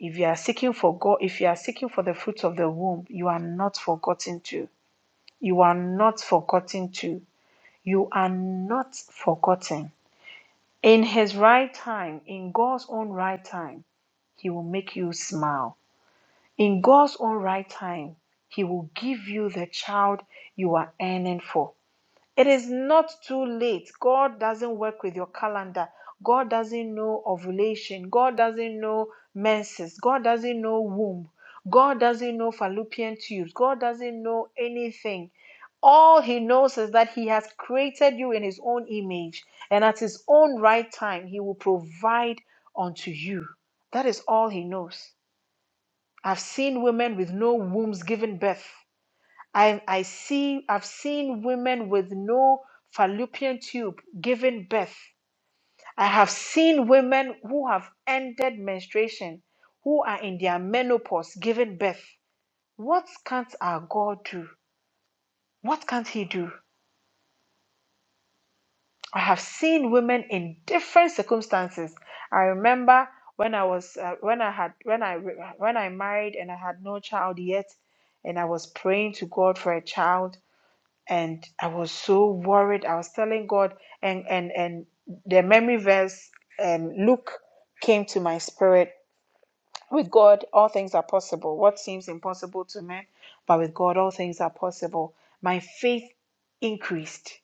[SPEAKER 4] If you are seeking for God, if you are seeking for the fruits of the womb, you are not forgotten Too, You are not forgotten Too, You are not forgotten. In His right time, in God's own right time, He will make you smile. In God's own right time, He will give you the child you are yearning for. It is not too late. God doesn't work with your calendar. God doesn't know ovulation. God doesn't know menses. God doesn't know womb. God doesn't know fallopian tubes. God doesn't know anything. All he knows is that he has created you in his own image, and at his own right time, he will provide unto you. That is all he knows. I've seen women with no wombs giving birth. I, I see, I've seen women with no fallopian tube giving birth. I have seen women who have ended menstruation, who are in their menopause giving birth. What can't our God do? What can't He do? I have seen women in different circumstances. I remember when I was uh, when I had when I when I married and I had no child yet, and I was praying to God for a child and I was so worried. I was telling God, and and and the memory verse, um, Luke, came to my spirit. With God, all things are possible. What seems impossible to men, but with God, all things are possible. My faith increased.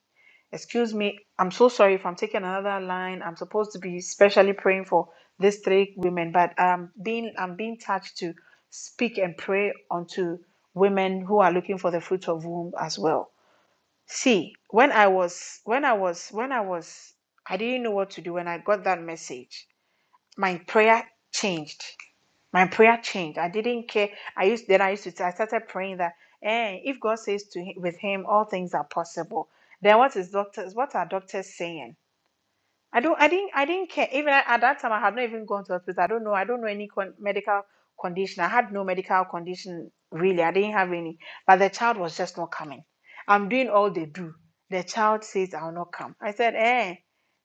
[SPEAKER 4] Excuse me, I'm so sorry if I'm taking another line. I'm supposed to be specially praying for these three women, but um, being I'm being touched to speak and pray unto women who are looking for the fruit of womb as well. See, when I was, when I was, when I was, I didn't know what to do when I got that message. My prayer changed. My prayer changed. I didn't care. I used then I used to I started praying that, eh, if God says to him, with him all things are possible, then what is doctors? What are doctors saying? I don't. I didn't. I didn't care. Even at, at that time, I had not even gone to hospital. I don't know. I don't know any con- medical condition. I had no medical condition really. I didn't have any. But the child was just not coming. I'm doing all they do. The child says I will not come. I said, eh.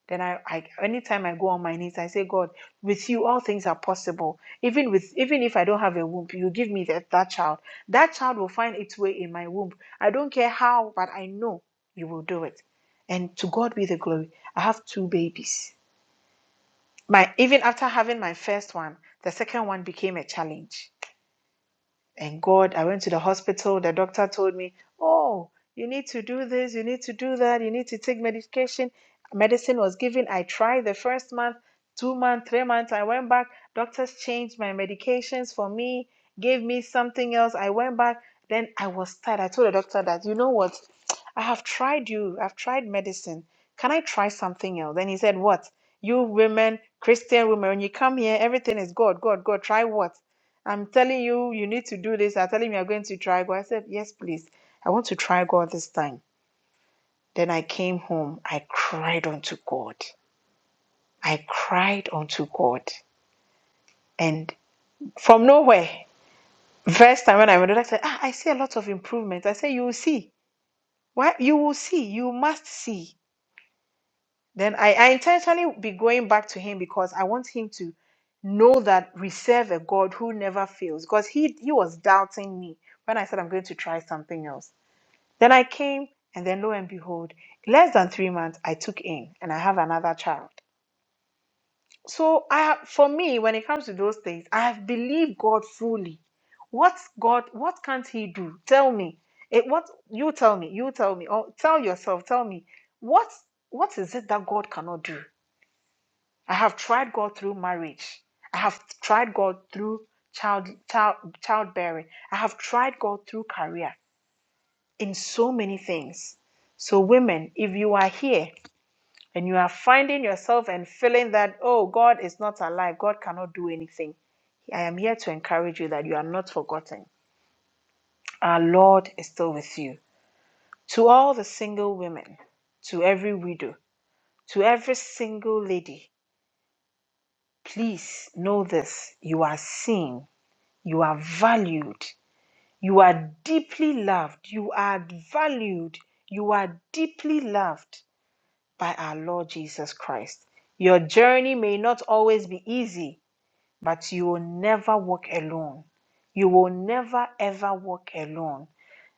[SPEAKER 4] Then I, I, anytime I go on my knees, I say, God, with you all things are possible. Even with, even if I don't have a womb, you give me that that child. That child will find its way in my womb. I don't care how, but I know you will do it and to God be the glory. I have two babies. My even after having my first one, the second one became a challenge and God, I went to the hospital. The doctor told me, Oh, you need to do this, you need to do that, you need to take medication. Medicine was given. I tried the first month, two months, three months. I went back. Doctors changed my medications for me, gave me something else. I went back. Then I was tired. I told the doctor that, you know what? I have tried you. I've tried medicine. Can I try something else? Then he said, What? You women, Christian women, when you come here, everything is God, God, God. Try what? I'm telling you, you need to do this. I'm telling me you're going to try God. I said, Yes, please. I want to try God this time. Then I came home. I cried unto God. I cried unto God. And from nowhere, first time when I went, I said, ah, I see a lot of improvement. I said, You will see. Why you will see, you must see. Then I, I intentionally be going back to him because I want him to know that we serve a God who never fails. Because he he was doubting me when I said I'm going to try something else. Then I came, and then lo and behold, less than three months, I took in and I have another child. So I, for me, when it comes to those things, I have believed God fully. What God, what can't He do? Tell me. It, what you tell me, you tell me, or tell yourself, tell me, what what is it that God cannot do? I have tried God through marriage. I have tried God through child, child childbearing. I have tried God through career. in so many things. So, women, if you are here and you are finding yourself and feeling that, oh, God is not alive, God cannot do anything, I am here to encourage you that you are not forgotten. Our Lord is still with you. To all the single women, to every widow, to every single lady, please know this you are seen, you are valued, you are deeply loved, you are valued, you are deeply loved. by our Lord Jesus Christ. Your journey may not always be easy, but you will never walk alone. You will never ever walk alone.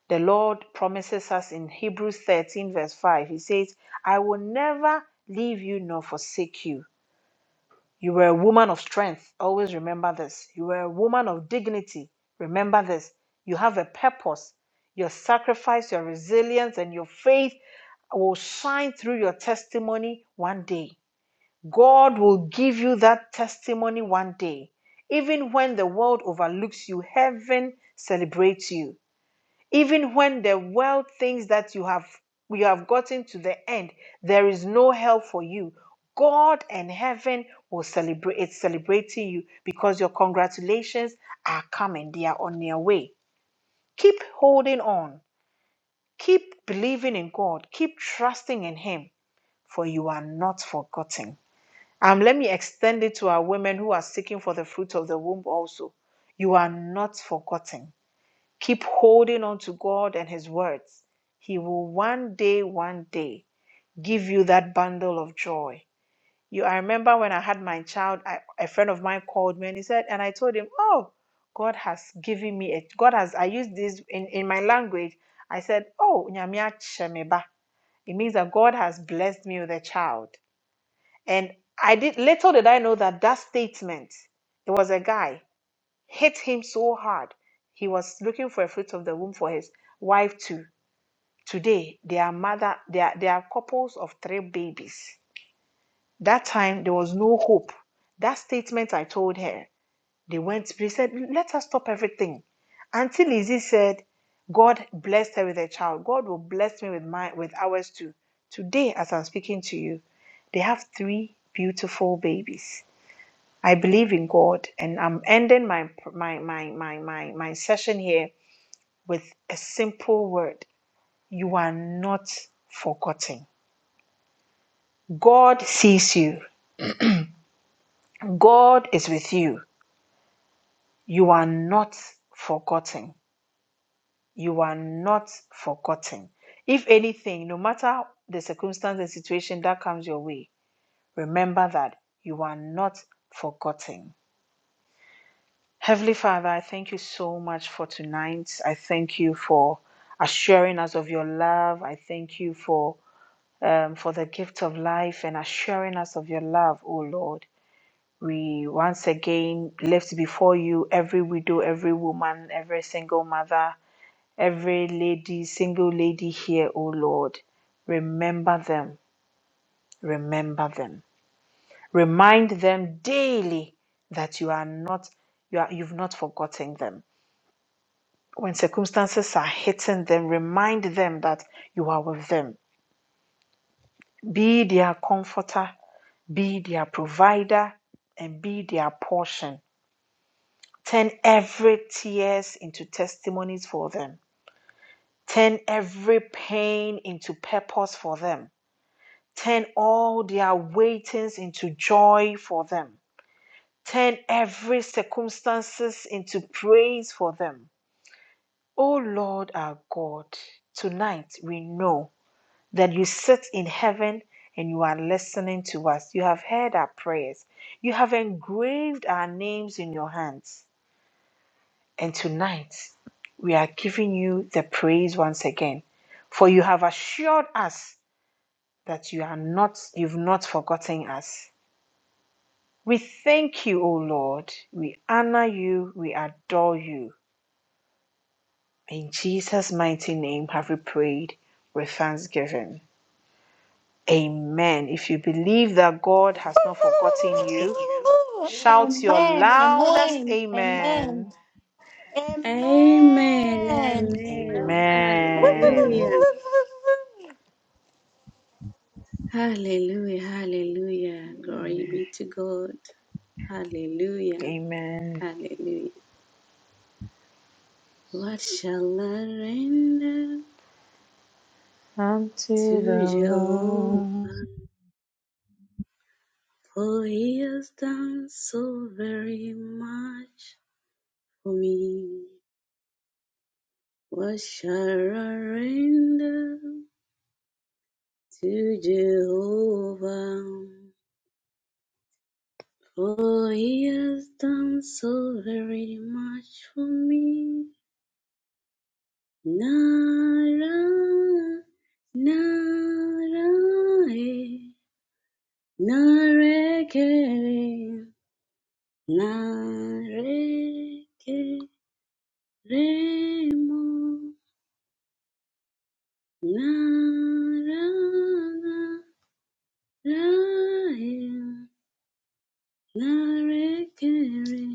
[SPEAKER 4] The Lord promises us in Hebrews 13, verse 5, He says, I will never leave you nor forsake you. You were a woman of strength. Always remember this. You were a woman of dignity. Remember this. You have a purpose. Your sacrifice, your resilience, and your faith will shine through your testimony one day. God will give you that testimony one day. Even when the world overlooks you, heaven celebrates you. Even when the world thinks that you have you have gotten to the end, there is no help for you. God and heaven will celebrate it's celebrating you because your congratulations are coming. They are on their way. Keep holding on. Keep believing in God. Keep trusting in Him, for you are not forgotten. Um, let me extend it to our women who are seeking for the fruit of the womb also. You are not forgotten. Keep holding on to God and His words. He will one day, one day give you that bundle of joy. You, I remember when I had my child, I, a friend of mine called me and he said, and I told him, Oh, God has given me a God has, I used this in, in my language. I said, Oh, nyame akyɛ me ba." it means that God has blessed me with a child. And I did little did I know that that statement, it was a guy, hit him so hard. He was looking for a fruit of the womb for his wife too. Today, they are mother, they are, they are couples of three babies. That time there was no hope. That statement I told her, they went, they said, let us stop everything. Auntie Lizzie said, God blessed her with a child. God will bless me with my, with ours too. Today, as I'm speaking to you, they have three beautiful babies I believe in God, and I'm ending my my my my my, my session here with a simple word: You are not forgotten. God sees you. God is with you. You are not forgotten. You are not forgotten. If anything, no matter the circumstance and situation that comes your way, remember that you are not forgotten. Heavenly Father, I thank you so much for tonight. I thank you for assuring us of your love. I thank you for um, for the gift of life and assuring us of your love, O Lord. We once again lift before you every widow, every woman, every single mother, every lady, single lady here, O Lord. Remember them. Remember them. Remind them daily that you are not you are, you've not forgotten them When circumstances are hitting them, remind them that you are with them. Be their comforter, be their provider, and be their portion. Turn every tears into testimonies for them. Turn every pain into purpose for them. Turn all their waitings into joy for them. Turn every circumstances into praise for them. O Lord our God, tonight we know that you sit in heaven and you are listening to us. You have heard our prayers. You have engraved our names in your hands. And tonight, we are giving you the praise once again, for you have assured us that you are not, you've not forgotten us. We thank you, O Lord. We honor you. We adore you. In Jesus' mighty name have we prayed with thanksgiving. Amen. If you believe that God has not forgotten you, shout your
[SPEAKER 1] Amen,
[SPEAKER 4] loudest
[SPEAKER 1] amen, amen,
[SPEAKER 4] amen.
[SPEAKER 3] Amen.
[SPEAKER 1] amen.
[SPEAKER 3] Amen. Hallelujah.
[SPEAKER 4] Amen.
[SPEAKER 3] Hallelujah. Hallelujah. Glory be to God. Hallelujah.
[SPEAKER 4] Amen.
[SPEAKER 3] Hallelujah. What shall I render to
[SPEAKER 4] Unto the
[SPEAKER 3] Jehovah?
[SPEAKER 4] Lord.
[SPEAKER 3] For he has done so very much for me. What shall I render to Jehovah? For he has done so very much for me. Nara, nara, eh, nara, narekeremo naranaraye narekere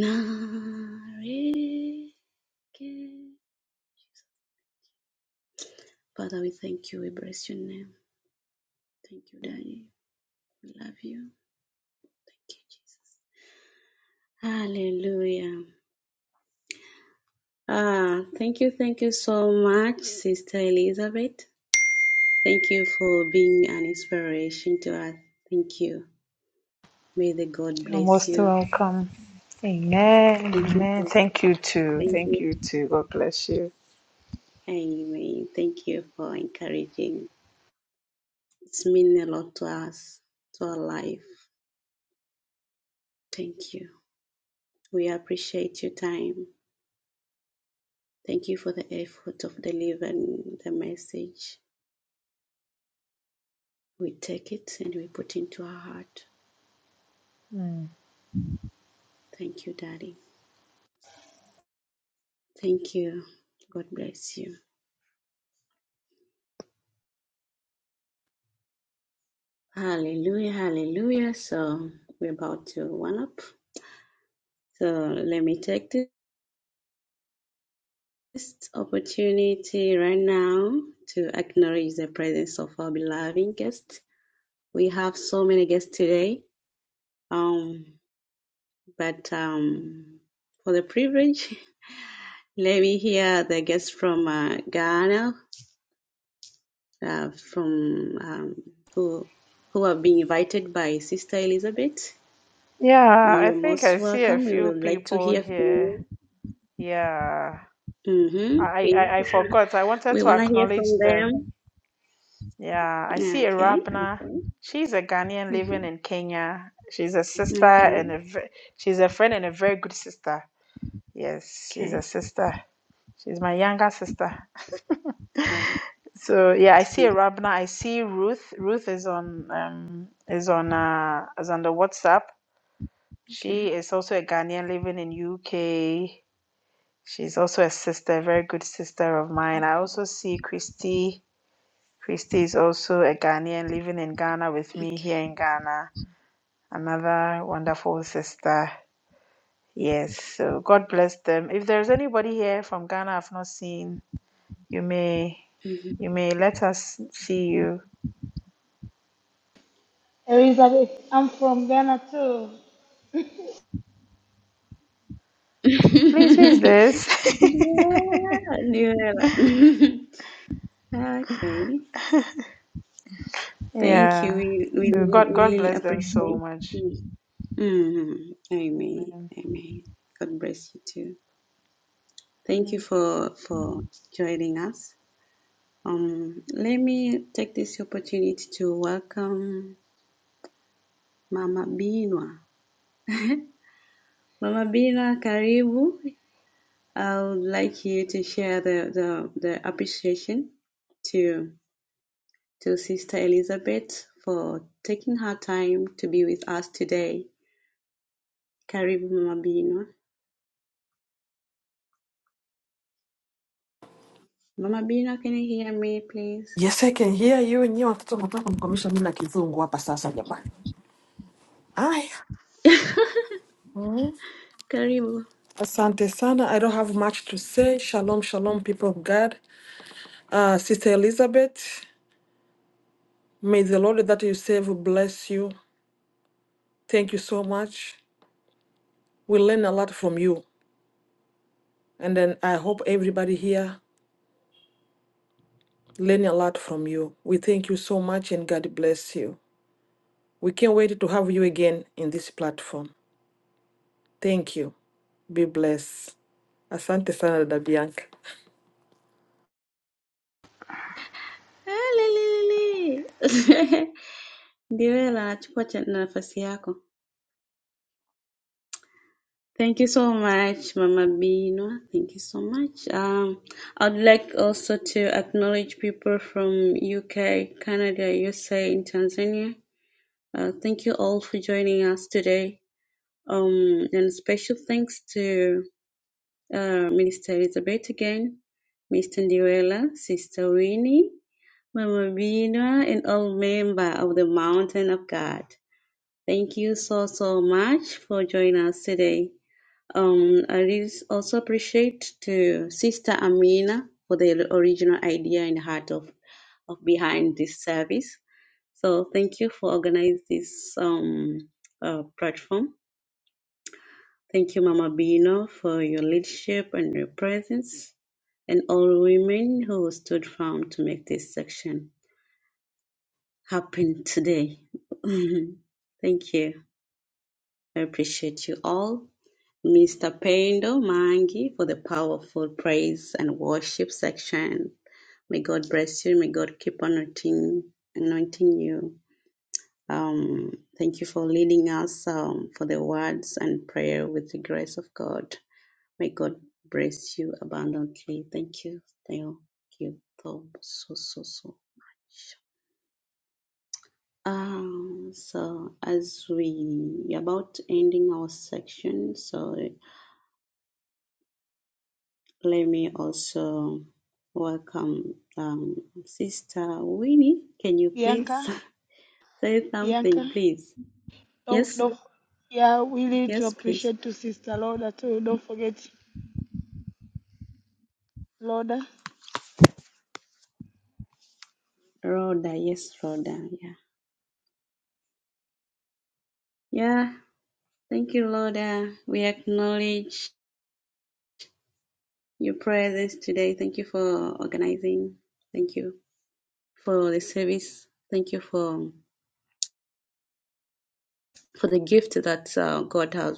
[SPEAKER 3] nareke Father, we thank you. We bless your name. Thank you, Daddy. We love you. Thank you, Jesus. Hallelujah. Ah, thank you, thank you so much, Sister Elizabeth. Thank you for being an inspiration to us. Thank you. May the God
[SPEAKER 4] You're
[SPEAKER 3] bless
[SPEAKER 4] most
[SPEAKER 3] you.
[SPEAKER 4] welcome. Amen.
[SPEAKER 3] Thank you.
[SPEAKER 4] Amen.
[SPEAKER 3] for-
[SPEAKER 4] Thank you too.
[SPEAKER 3] Thank
[SPEAKER 4] Thank
[SPEAKER 3] you.
[SPEAKER 4] you too. God bless you.
[SPEAKER 3] Amen. Thank you for encouraging. It's mean a lot to us, to our life. Thank you. We appreciate your time. Thank you for the effort of delivering the message. We take it and we put into our heart.
[SPEAKER 4] Mm.
[SPEAKER 3] Thank you, Daddy. Thank you. God bless you. Hallelujah, hallelujah. So we're about to one up. So let me take this. Best opportunity right now to acknowledge the presence of our beloved guests. We have so many guests today, um, but um, for the privilege, let me hear the guests from uh, Ghana, uh, from um, who who have been invited by Sister Elizabeth.
[SPEAKER 4] Yeah, I
[SPEAKER 3] You're
[SPEAKER 4] think
[SPEAKER 3] most
[SPEAKER 4] I see a
[SPEAKER 3] welcome. We
[SPEAKER 4] few
[SPEAKER 3] would like to
[SPEAKER 4] people
[SPEAKER 3] hear from
[SPEAKER 4] here.
[SPEAKER 3] you.
[SPEAKER 4] Yeah.
[SPEAKER 3] Mm-hmm.
[SPEAKER 4] I,
[SPEAKER 3] Okay.
[SPEAKER 4] I, I forgot. I wanted
[SPEAKER 3] We
[SPEAKER 4] to
[SPEAKER 3] want to hear
[SPEAKER 4] acknowledge
[SPEAKER 3] from
[SPEAKER 4] them
[SPEAKER 3] them.
[SPEAKER 4] Yeah, I see
[SPEAKER 3] Okay.
[SPEAKER 4] Arabna.
[SPEAKER 3] Okay.
[SPEAKER 4] She's a Ghanaian living
[SPEAKER 3] Mm-hmm.
[SPEAKER 4] in Kenya. She's a sister
[SPEAKER 3] Okay.
[SPEAKER 4] and a ve- she's a friend and a very good sister. Yes, she's
[SPEAKER 3] Okay.
[SPEAKER 4] a sister. She's my younger sister.
[SPEAKER 3] Uh,
[SPEAKER 4] So yeah, I
[SPEAKER 3] that's
[SPEAKER 4] see
[SPEAKER 3] really
[SPEAKER 4] Arabna. I see Ruth. Ruth is on um is on uh is on the WhatsApp.
[SPEAKER 3] okay.
[SPEAKER 4] She is also a Ghanaian living in UK. She's also a sister, a very good sister of mine. I also see Christy. Christy is also a Ghanaian living in Ghana with me here in Ghana. Another wonderful sister. Yes. So God bless them. If there's anybody here from Ghana I've not seen, you may you may let us see you.
[SPEAKER 1] Elizabeth, I'm from Ghana too.
[SPEAKER 4] Please, who is this?
[SPEAKER 3] Yeah, new era. Okay. Thank you.
[SPEAKER 4] yeah.
[SPEAKER 3] We we
[SPEAKER 4] So
[SPEAKER 3] really
[SPEAKER 4] God
[SPEAKER 3] we
[SPEAKER 4] God
[SPEAKER 3] really
[SPEAKER 4] bless them so
[SPEAKER 3] appreciate.
[SPEAKER 4] much.
[SPEAKER 3] Mm-hmm. Amen. Amen. God bless you too. Thank you
[SPEAKER 4] Mm.
[SPEAKER 3] for for joining us. Um, let me take this opportunity to welcome Mama Binwa. Mama Binwa, karibu. I would like you to share the, the, the appreciation to to Sister Elizabeth for taking her time to be with us today. Karibu Mama Bino. Mama Bino, can you hear me please?
[SPEAKER 6] Yes, I can hear you. Nyiwe watoto mnataka kumkomesha mimi na kizungu hapa sasa jamani. Aya. Mm.
[SPEAKER 3] Karibu.
[SPEAKER 6] Asante sana. I don't have much to say. Shalom, shalom, people of God. Uh, Sister Elizabeth, may the Lord that you serve bless you. Thank you so much. We learn a lot from you. And then I hope everybody here learn a lot from you. We thank you so much and God bless you. We can't wait to have you again in this platform. Thank you. Be blessed. Asante sana dada Bianca.
[SPEAKER 3] Hallelujah. Ndio yeye anachukua cha- nafasi yako. Thank you so much, Mama Bino. Thank you so much. Um, I'd like also to acknowledge people from UK, Canada, USA, and Tanzania. Uh, thank you all for joining us today. Um, and special thanks to uh, Minister Elizabeth again, Mr. Ndiwela, Sister Winnie, Mama Bina, and all members of the Mountain of God. Thank you so, so much for joining us today. Um, I really also appreciate to Sister Amina for the original idea and heart of, of behind this service. So thank you for organizing this um, uh, platform. Thank you, Mama Bino, for your leadership and your presence, and all women who stood firm to make this section happen today. Thank you. I appreciate you all. Mr. Pendo Mangi for the powerful praise and worship section. May God bless you. May God keep anointing, anointing you. Um, thank you for leading us um, for the words and prayer with the grace of God. May God bless you abundantly. Thank you. Thank you. So, so, so. so. Um, so as we about ending our section, so let me also welcome um, Sister Winnie. Can you please
[SPEAKER 1] Bianca,
[SPEAKER 3] say
[SPEAKER 1] Bianca,
[SPEAKER 3] something, please?
[SPEAKER 1] don't,
[SPEAKER 3] Yes,
[SPEAKER 1] don't, yeah, we need to
[SPEAKER 3] yes, please.
[SPEAKER 1] appreciate to Sister Loda too. Don't forget Loda,
[SPEAKER 3] Rhoda, yes, Rhoda. yeah. Yeah, thank you, Lord. Uh, we acknowledge your presence today. Thank you for organizing. Thank you for the service. Thank you for for the gift that uh, God has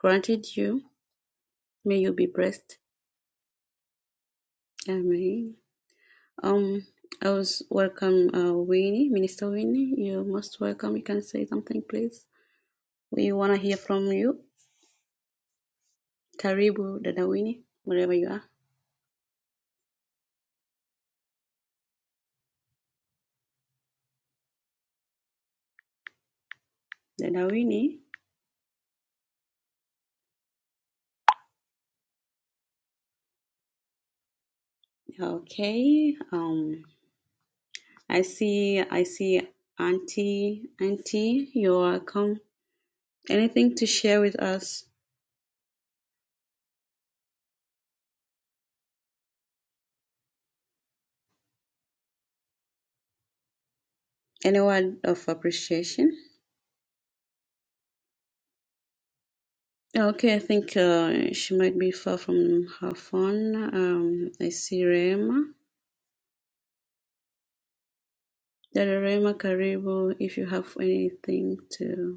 [SPEAKER 3] granted you. May you be blessed. Amen. Um, I was welcome, uh, Winnie, Minister Winnie. You're most welcome. You can say something, please. We wanna hear from you. Karibu, Dada Winnie, wherever you are. Dada Winnie. Okay. Um. I see, I see, Auntie, Auntie, you're welcome. Anything to share with us? Any word of appreciation? Okay, I think uh, she might be far from her phone. Um, I see Rema. Dada Rema Karibu, if you have anything to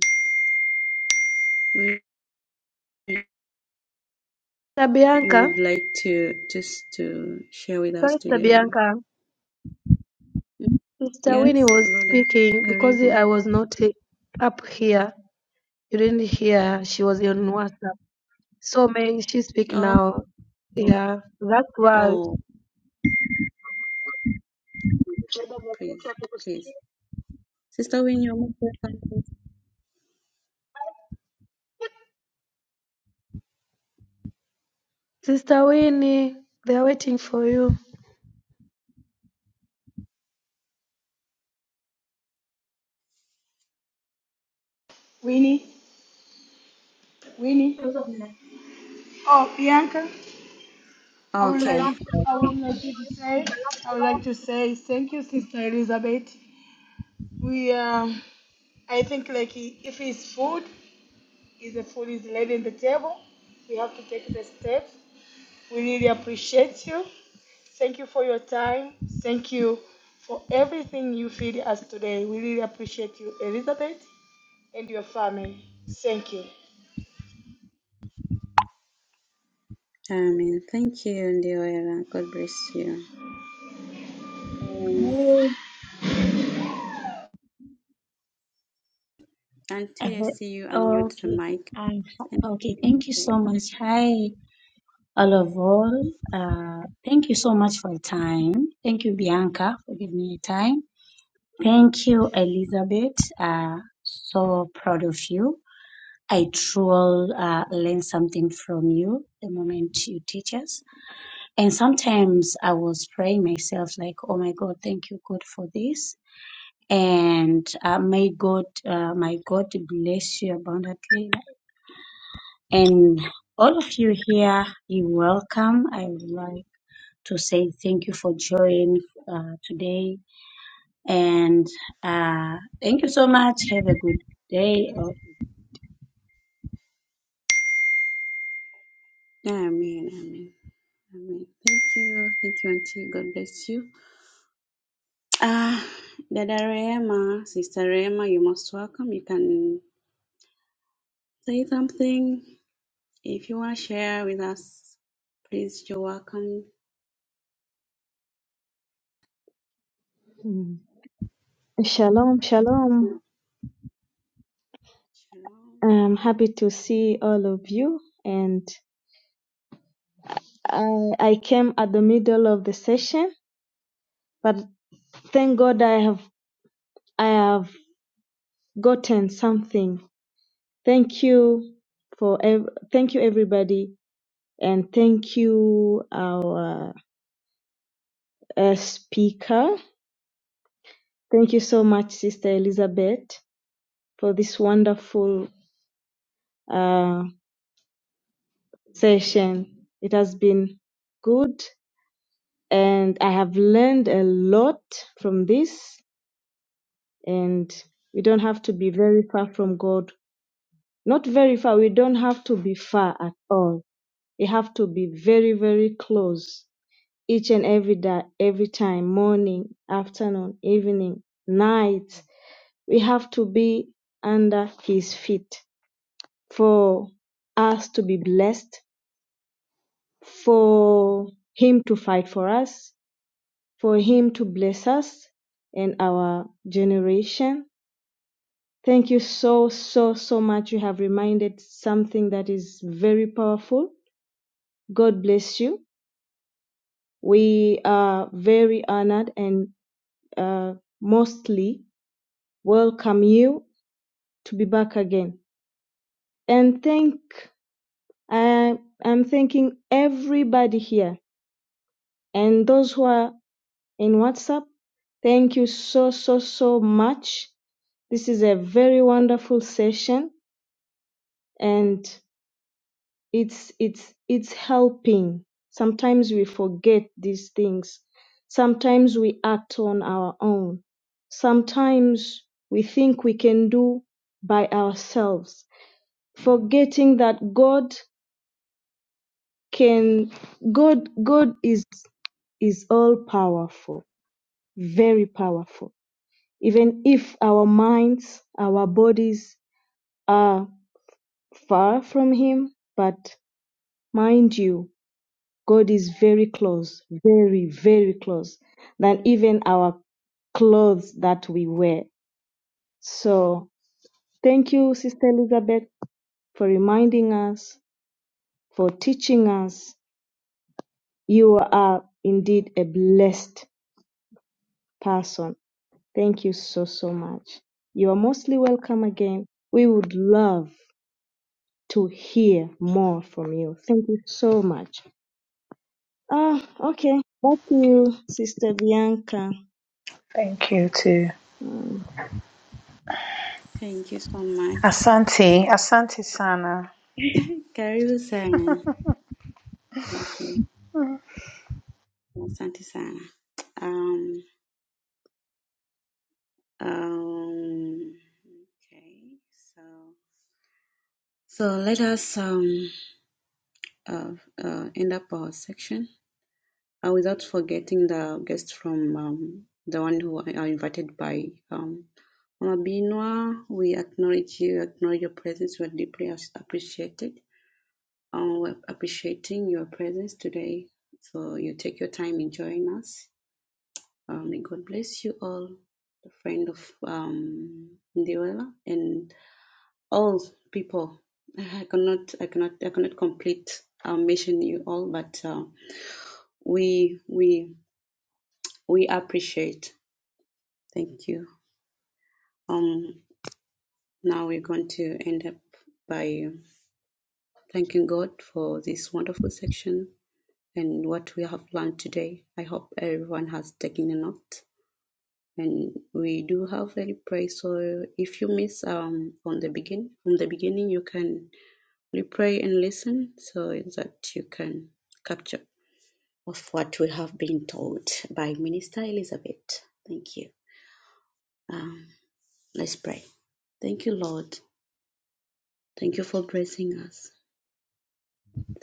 [SPEAKER 3] you
[SPEAKER 7] Tabianca,
[SPEAKER 3] would like to just to share with
[SPEAKER 7] sorry
[SPEAKER 3] us today.
[SPEAKER 7] Tabianca, Sister
[SPEAKER 3] Yes,
[SPEAKER 7] Winnie was
[SPEAKER 3] Rhoda
[SPEAKER 7] speaking because I
[SPEAKER 3] Karibu.
[SPEAKER 7] was not eh, up here. You didn't hear her. She was on WhatsApp. So may she speak
[SPEAKER 3] Oh,
[SPEAKER 7] now? Yeah, that's why.
[SPEAKER 3] oh, please, please, Sister Win, you're welcome.
[SPEAKER 7] Sister Winnie, they're waiting for you.
[SPEAKER 1] Winnie, Winnie.
[SPEAKER 8] Hi.
[SPEAKER 1] Oh, Bianca, I would like
[SPEAKER 3] Okay.
[SPEAKER 1] I would like to say I would like to say thank you, Sister Elizabeth. We um, I think like if it's food, if the food is laid on the table, we have to take the steps. We really appreciate you. Thank you for your time. Thank you for everything you feed us today. We really appreciate you, Elizabeth, and your family. Thank you.
[SPEAKER 3] Amen. Thank you, Ndioela. God bless you. Um,
[SPEAKER 8] I
[SPEAKER 3] Auntie, I
[SPEAKER 8] heard-
[SPEAKER 3] see you unmute the
[SPEAKER 8] okay.
[SPEAKER 3] mic.
[SPEAKER 8] I,
[SPEAKER 3] And
[SPEAKER 8] okay,
[SPEAKER 3] you,
[SPEAKER 8] thank you
[SPEAKER 3] Jay.
[SPEAKER 8] so much. Hi, all of all. Uh, thank you so much for your time. Thank you, Bianca, for giving me your time. Thank you, Elizabeth. Uh, so proud of you. I truly uh, learned something from you the moment you teach us. And sometimes I was praying myself, like, oh my God, thank you, God, for this. And uh, may God, uh, my God bless you abundantly. And all of you here, you're welcome. I would like to say thank you for joining uh, today. And uh, thank you so much. Have a good day. Oh,
[SPEAKER 3] Amen. Amen. Amen. Thank you. Thank you, Auntie. God bless you. Ah, Dada Rema, Sister Rema, you're most welcome. You can say something if you want to share with us. Please, you're welcome.
[SPEAKER 9] Mm. Shalom, shalom.
[SPEAKER 3] Shalom.
[SPEAKER 9] I'm happy to see all of you. And I, I came at the middle of the session, but thank God I have I have gotten something. Thank you for ev- thank you everybody, and thank you our uh, speaker. Thank you so much, Sister Elizabeth, for this wonderful uh, session. It has been good and I have learned a lot from this. And we don't have to be very far from God. Not very far. We don't have to be far at all. We have to be very, very close each and every day, every time, morning, afternoon, evening, night. We have to be under His feet for us to be blessed, for Him to fight for us, for him to bless us and our generation. Thank you so, so, so much. You have reminded something that is very powerful. God bless you. We are very honored and uh, mostly welcome you to be back again. And thank, I, I'm thanking everybody here and those who are in WhatsApp. Thank you so, so, so much This is a very wonderful session and it's it's it's helping. Sometimes we forget these things. Sometimes we act on our own. Sometimes we think we can do by ourselves, forgetting that God can God God is is all powerful, very powerful. Even if our minds, our bodies are far from him, but Mind you, God is very close, very, very close than even our clothes that we wear. So thank you, Sister Elizabeth, for reminding us, for teaching us. You are indeed a blessed person. Thank you so, so much. You are mostly welcome again. We would love to hear more from you. Thank you so much. Ah, okay. Back to you, Sister Bianca.
[SPEAKER 4] Thank you too.
[SPEAKER 9] Mm.
[SPEAKER 3] Thank you so much.
[SPEAKER 4] Asante. Asante sana.
[SPEAKER 3] Karibu sana. Thank you. Asante sana. Um. Um, okay, so so let us um uh, uh, end up our section uh, without forgetting the guests from um, the one who are invited by um Mama Binwa. We acknowledge you, acknowledge your presence. We're deeply appreciated. Um, we're appreciating your presence today. So you take your time in joining us. Um, may God bless you all, the friend of um Ndewela, and all people i cannot i cannot i cannot complete um, mission you all but uh, we we we appreciate thank you um now we're going to end up by thanking god for this wonderful section and what we have learned today i hope everyone has taken a note and we do have a replay so if you miss um on the begin from the beginning you can replay and listen so that you can capture of what we have been taught by Minister Elizabeth. Thank you. Um, let's pray. Thank you, Lord. Thank you for blessing us.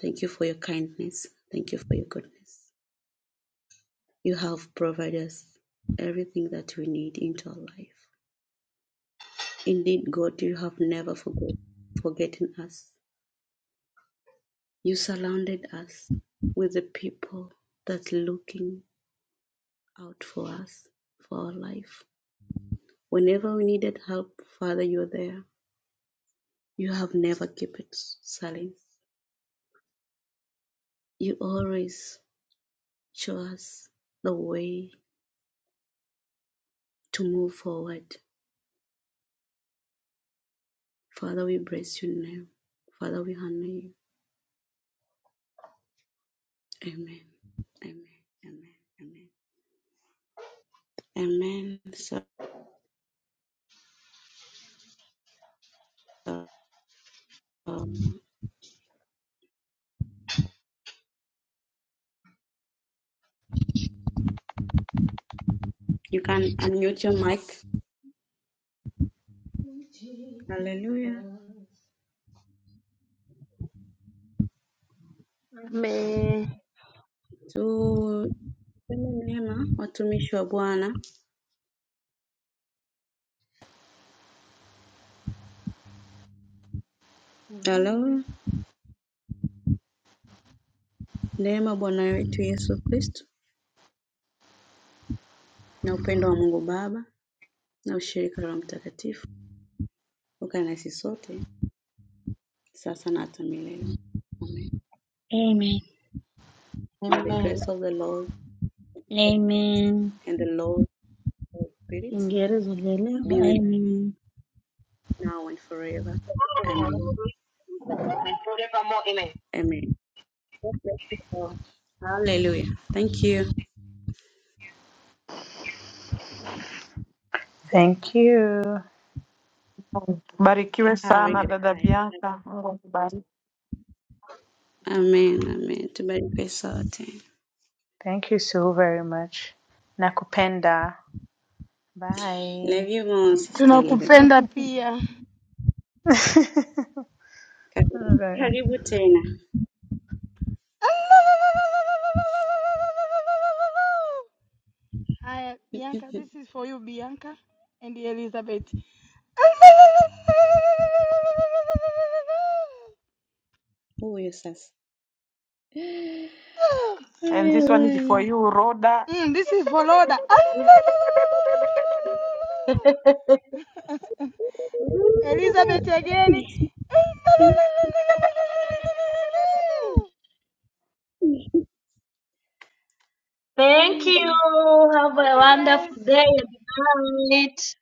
[SPEAKER 3] Thank you for your kindness. Thank you for your goodness. You have provided us everything that we need into our life. Indeed, God, you have never forgot, forgotten us. You surrounded us with the people that are looking out for us, for our life. Whenever we needed help, Father, you're there. You have never kept silence, you always show us the way to move forward. Father, we bless your name. Father, we honor you. Amen. Amen. Amen. Amen. Amen. So um, you can unmute your mic. Hallelujah.
[SPEAKER 7] May.
[SPEAKER 3] Tu tuseme neema watumishi wa Bwana. Hello.
[SPEAKER 7] Amen.
[SPEAKER 3] Neema Bwana wetu Yesu Kristo na upendo wa Mungu Baba na ushirika wa Roho Mtakatifu ukae nasi sote Sasanata Milele. Amen.
[SPEAKER 8] Amen.
[SPEAKER 3] May the
[SPEAKER 7] Amen.
[SPEAKER 3] grace of the Lord
[SPEAKER 8] Amen.
[SPEAKER 3] and the Lord of the Spirit be with us
[SPEAKER 8] Amen.
[SPEAKER 3] now and forever. Amen.
[SPEAKER 7] And forevermore,
[SPEAKER 3] Amen. God bless you all. Hallelujah. Thank you.
[SPEAKER 4] Thank you.
[SPEAKER 6] Barikiwe
[SPEAKER 3] Have a
[SPEAKER 6] sana
[SPEAKER 3] great
[SPEAKER 6] dada
[SPEAKER 3] time.
[SPEAKER 6] Bianca, Mungu akubariki.
[SPEAKER 3] Amen. Amen. Tubarikwe sote.
[SPEAKER 4] Thank you so very much. Nakupenda.
[SPEAKER 3] Love
[SPEAKER 4] Bye.
[SPEAKER 3] you more, Sister Elizabeth.
[SPEAKER 1] Tunakupenda pia.
[SPEAKER 3] Karibu
[SPEAKER 4] Bye.
[SPEAKER 3] karibu tena.
[SPEAKER 1] Haya, Bianca, this is for you Bianca and Elizabeth.
[SPEAKER 3] Huyo sasa.
[SPEAKER 6] And
[SPEAKER 3] Haya
[SPEAKER 6] this one is for
[SPEAKER 3] bwana.
[SPEAKER 6] you, Rhoda
[SPEAKER 1] Mm, this is for Loda.
[SPEAKER 7] amen.
[SPEAKER 1] Elizabeth again.
[SPEAKER 7] Thank you. Have a
[SPEAKER 1] Okay,
[SPEAKER 7] wonderful
[SPEAKER 1] guys.
[SPEAKER 7] day and night.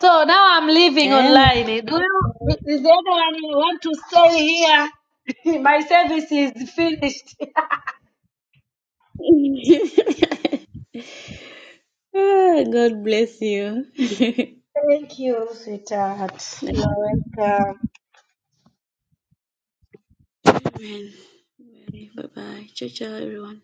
[SPEAKER 7] So now I'm leaving
[SPEAKER 3] Eh,
[SPEAKER 7] online. Do you,
[SPEAKER 3] eh.
[SPEAKER 7] is there anyone you want to stay here? My service is finished.
[SPEAKER 3] Ah, God bless you.
[SPEAKER 7] Thank you, sweetheart. You're welcome.
[SPEAKER 3] Amen. Bye bye. Ciao, ciao, everyone.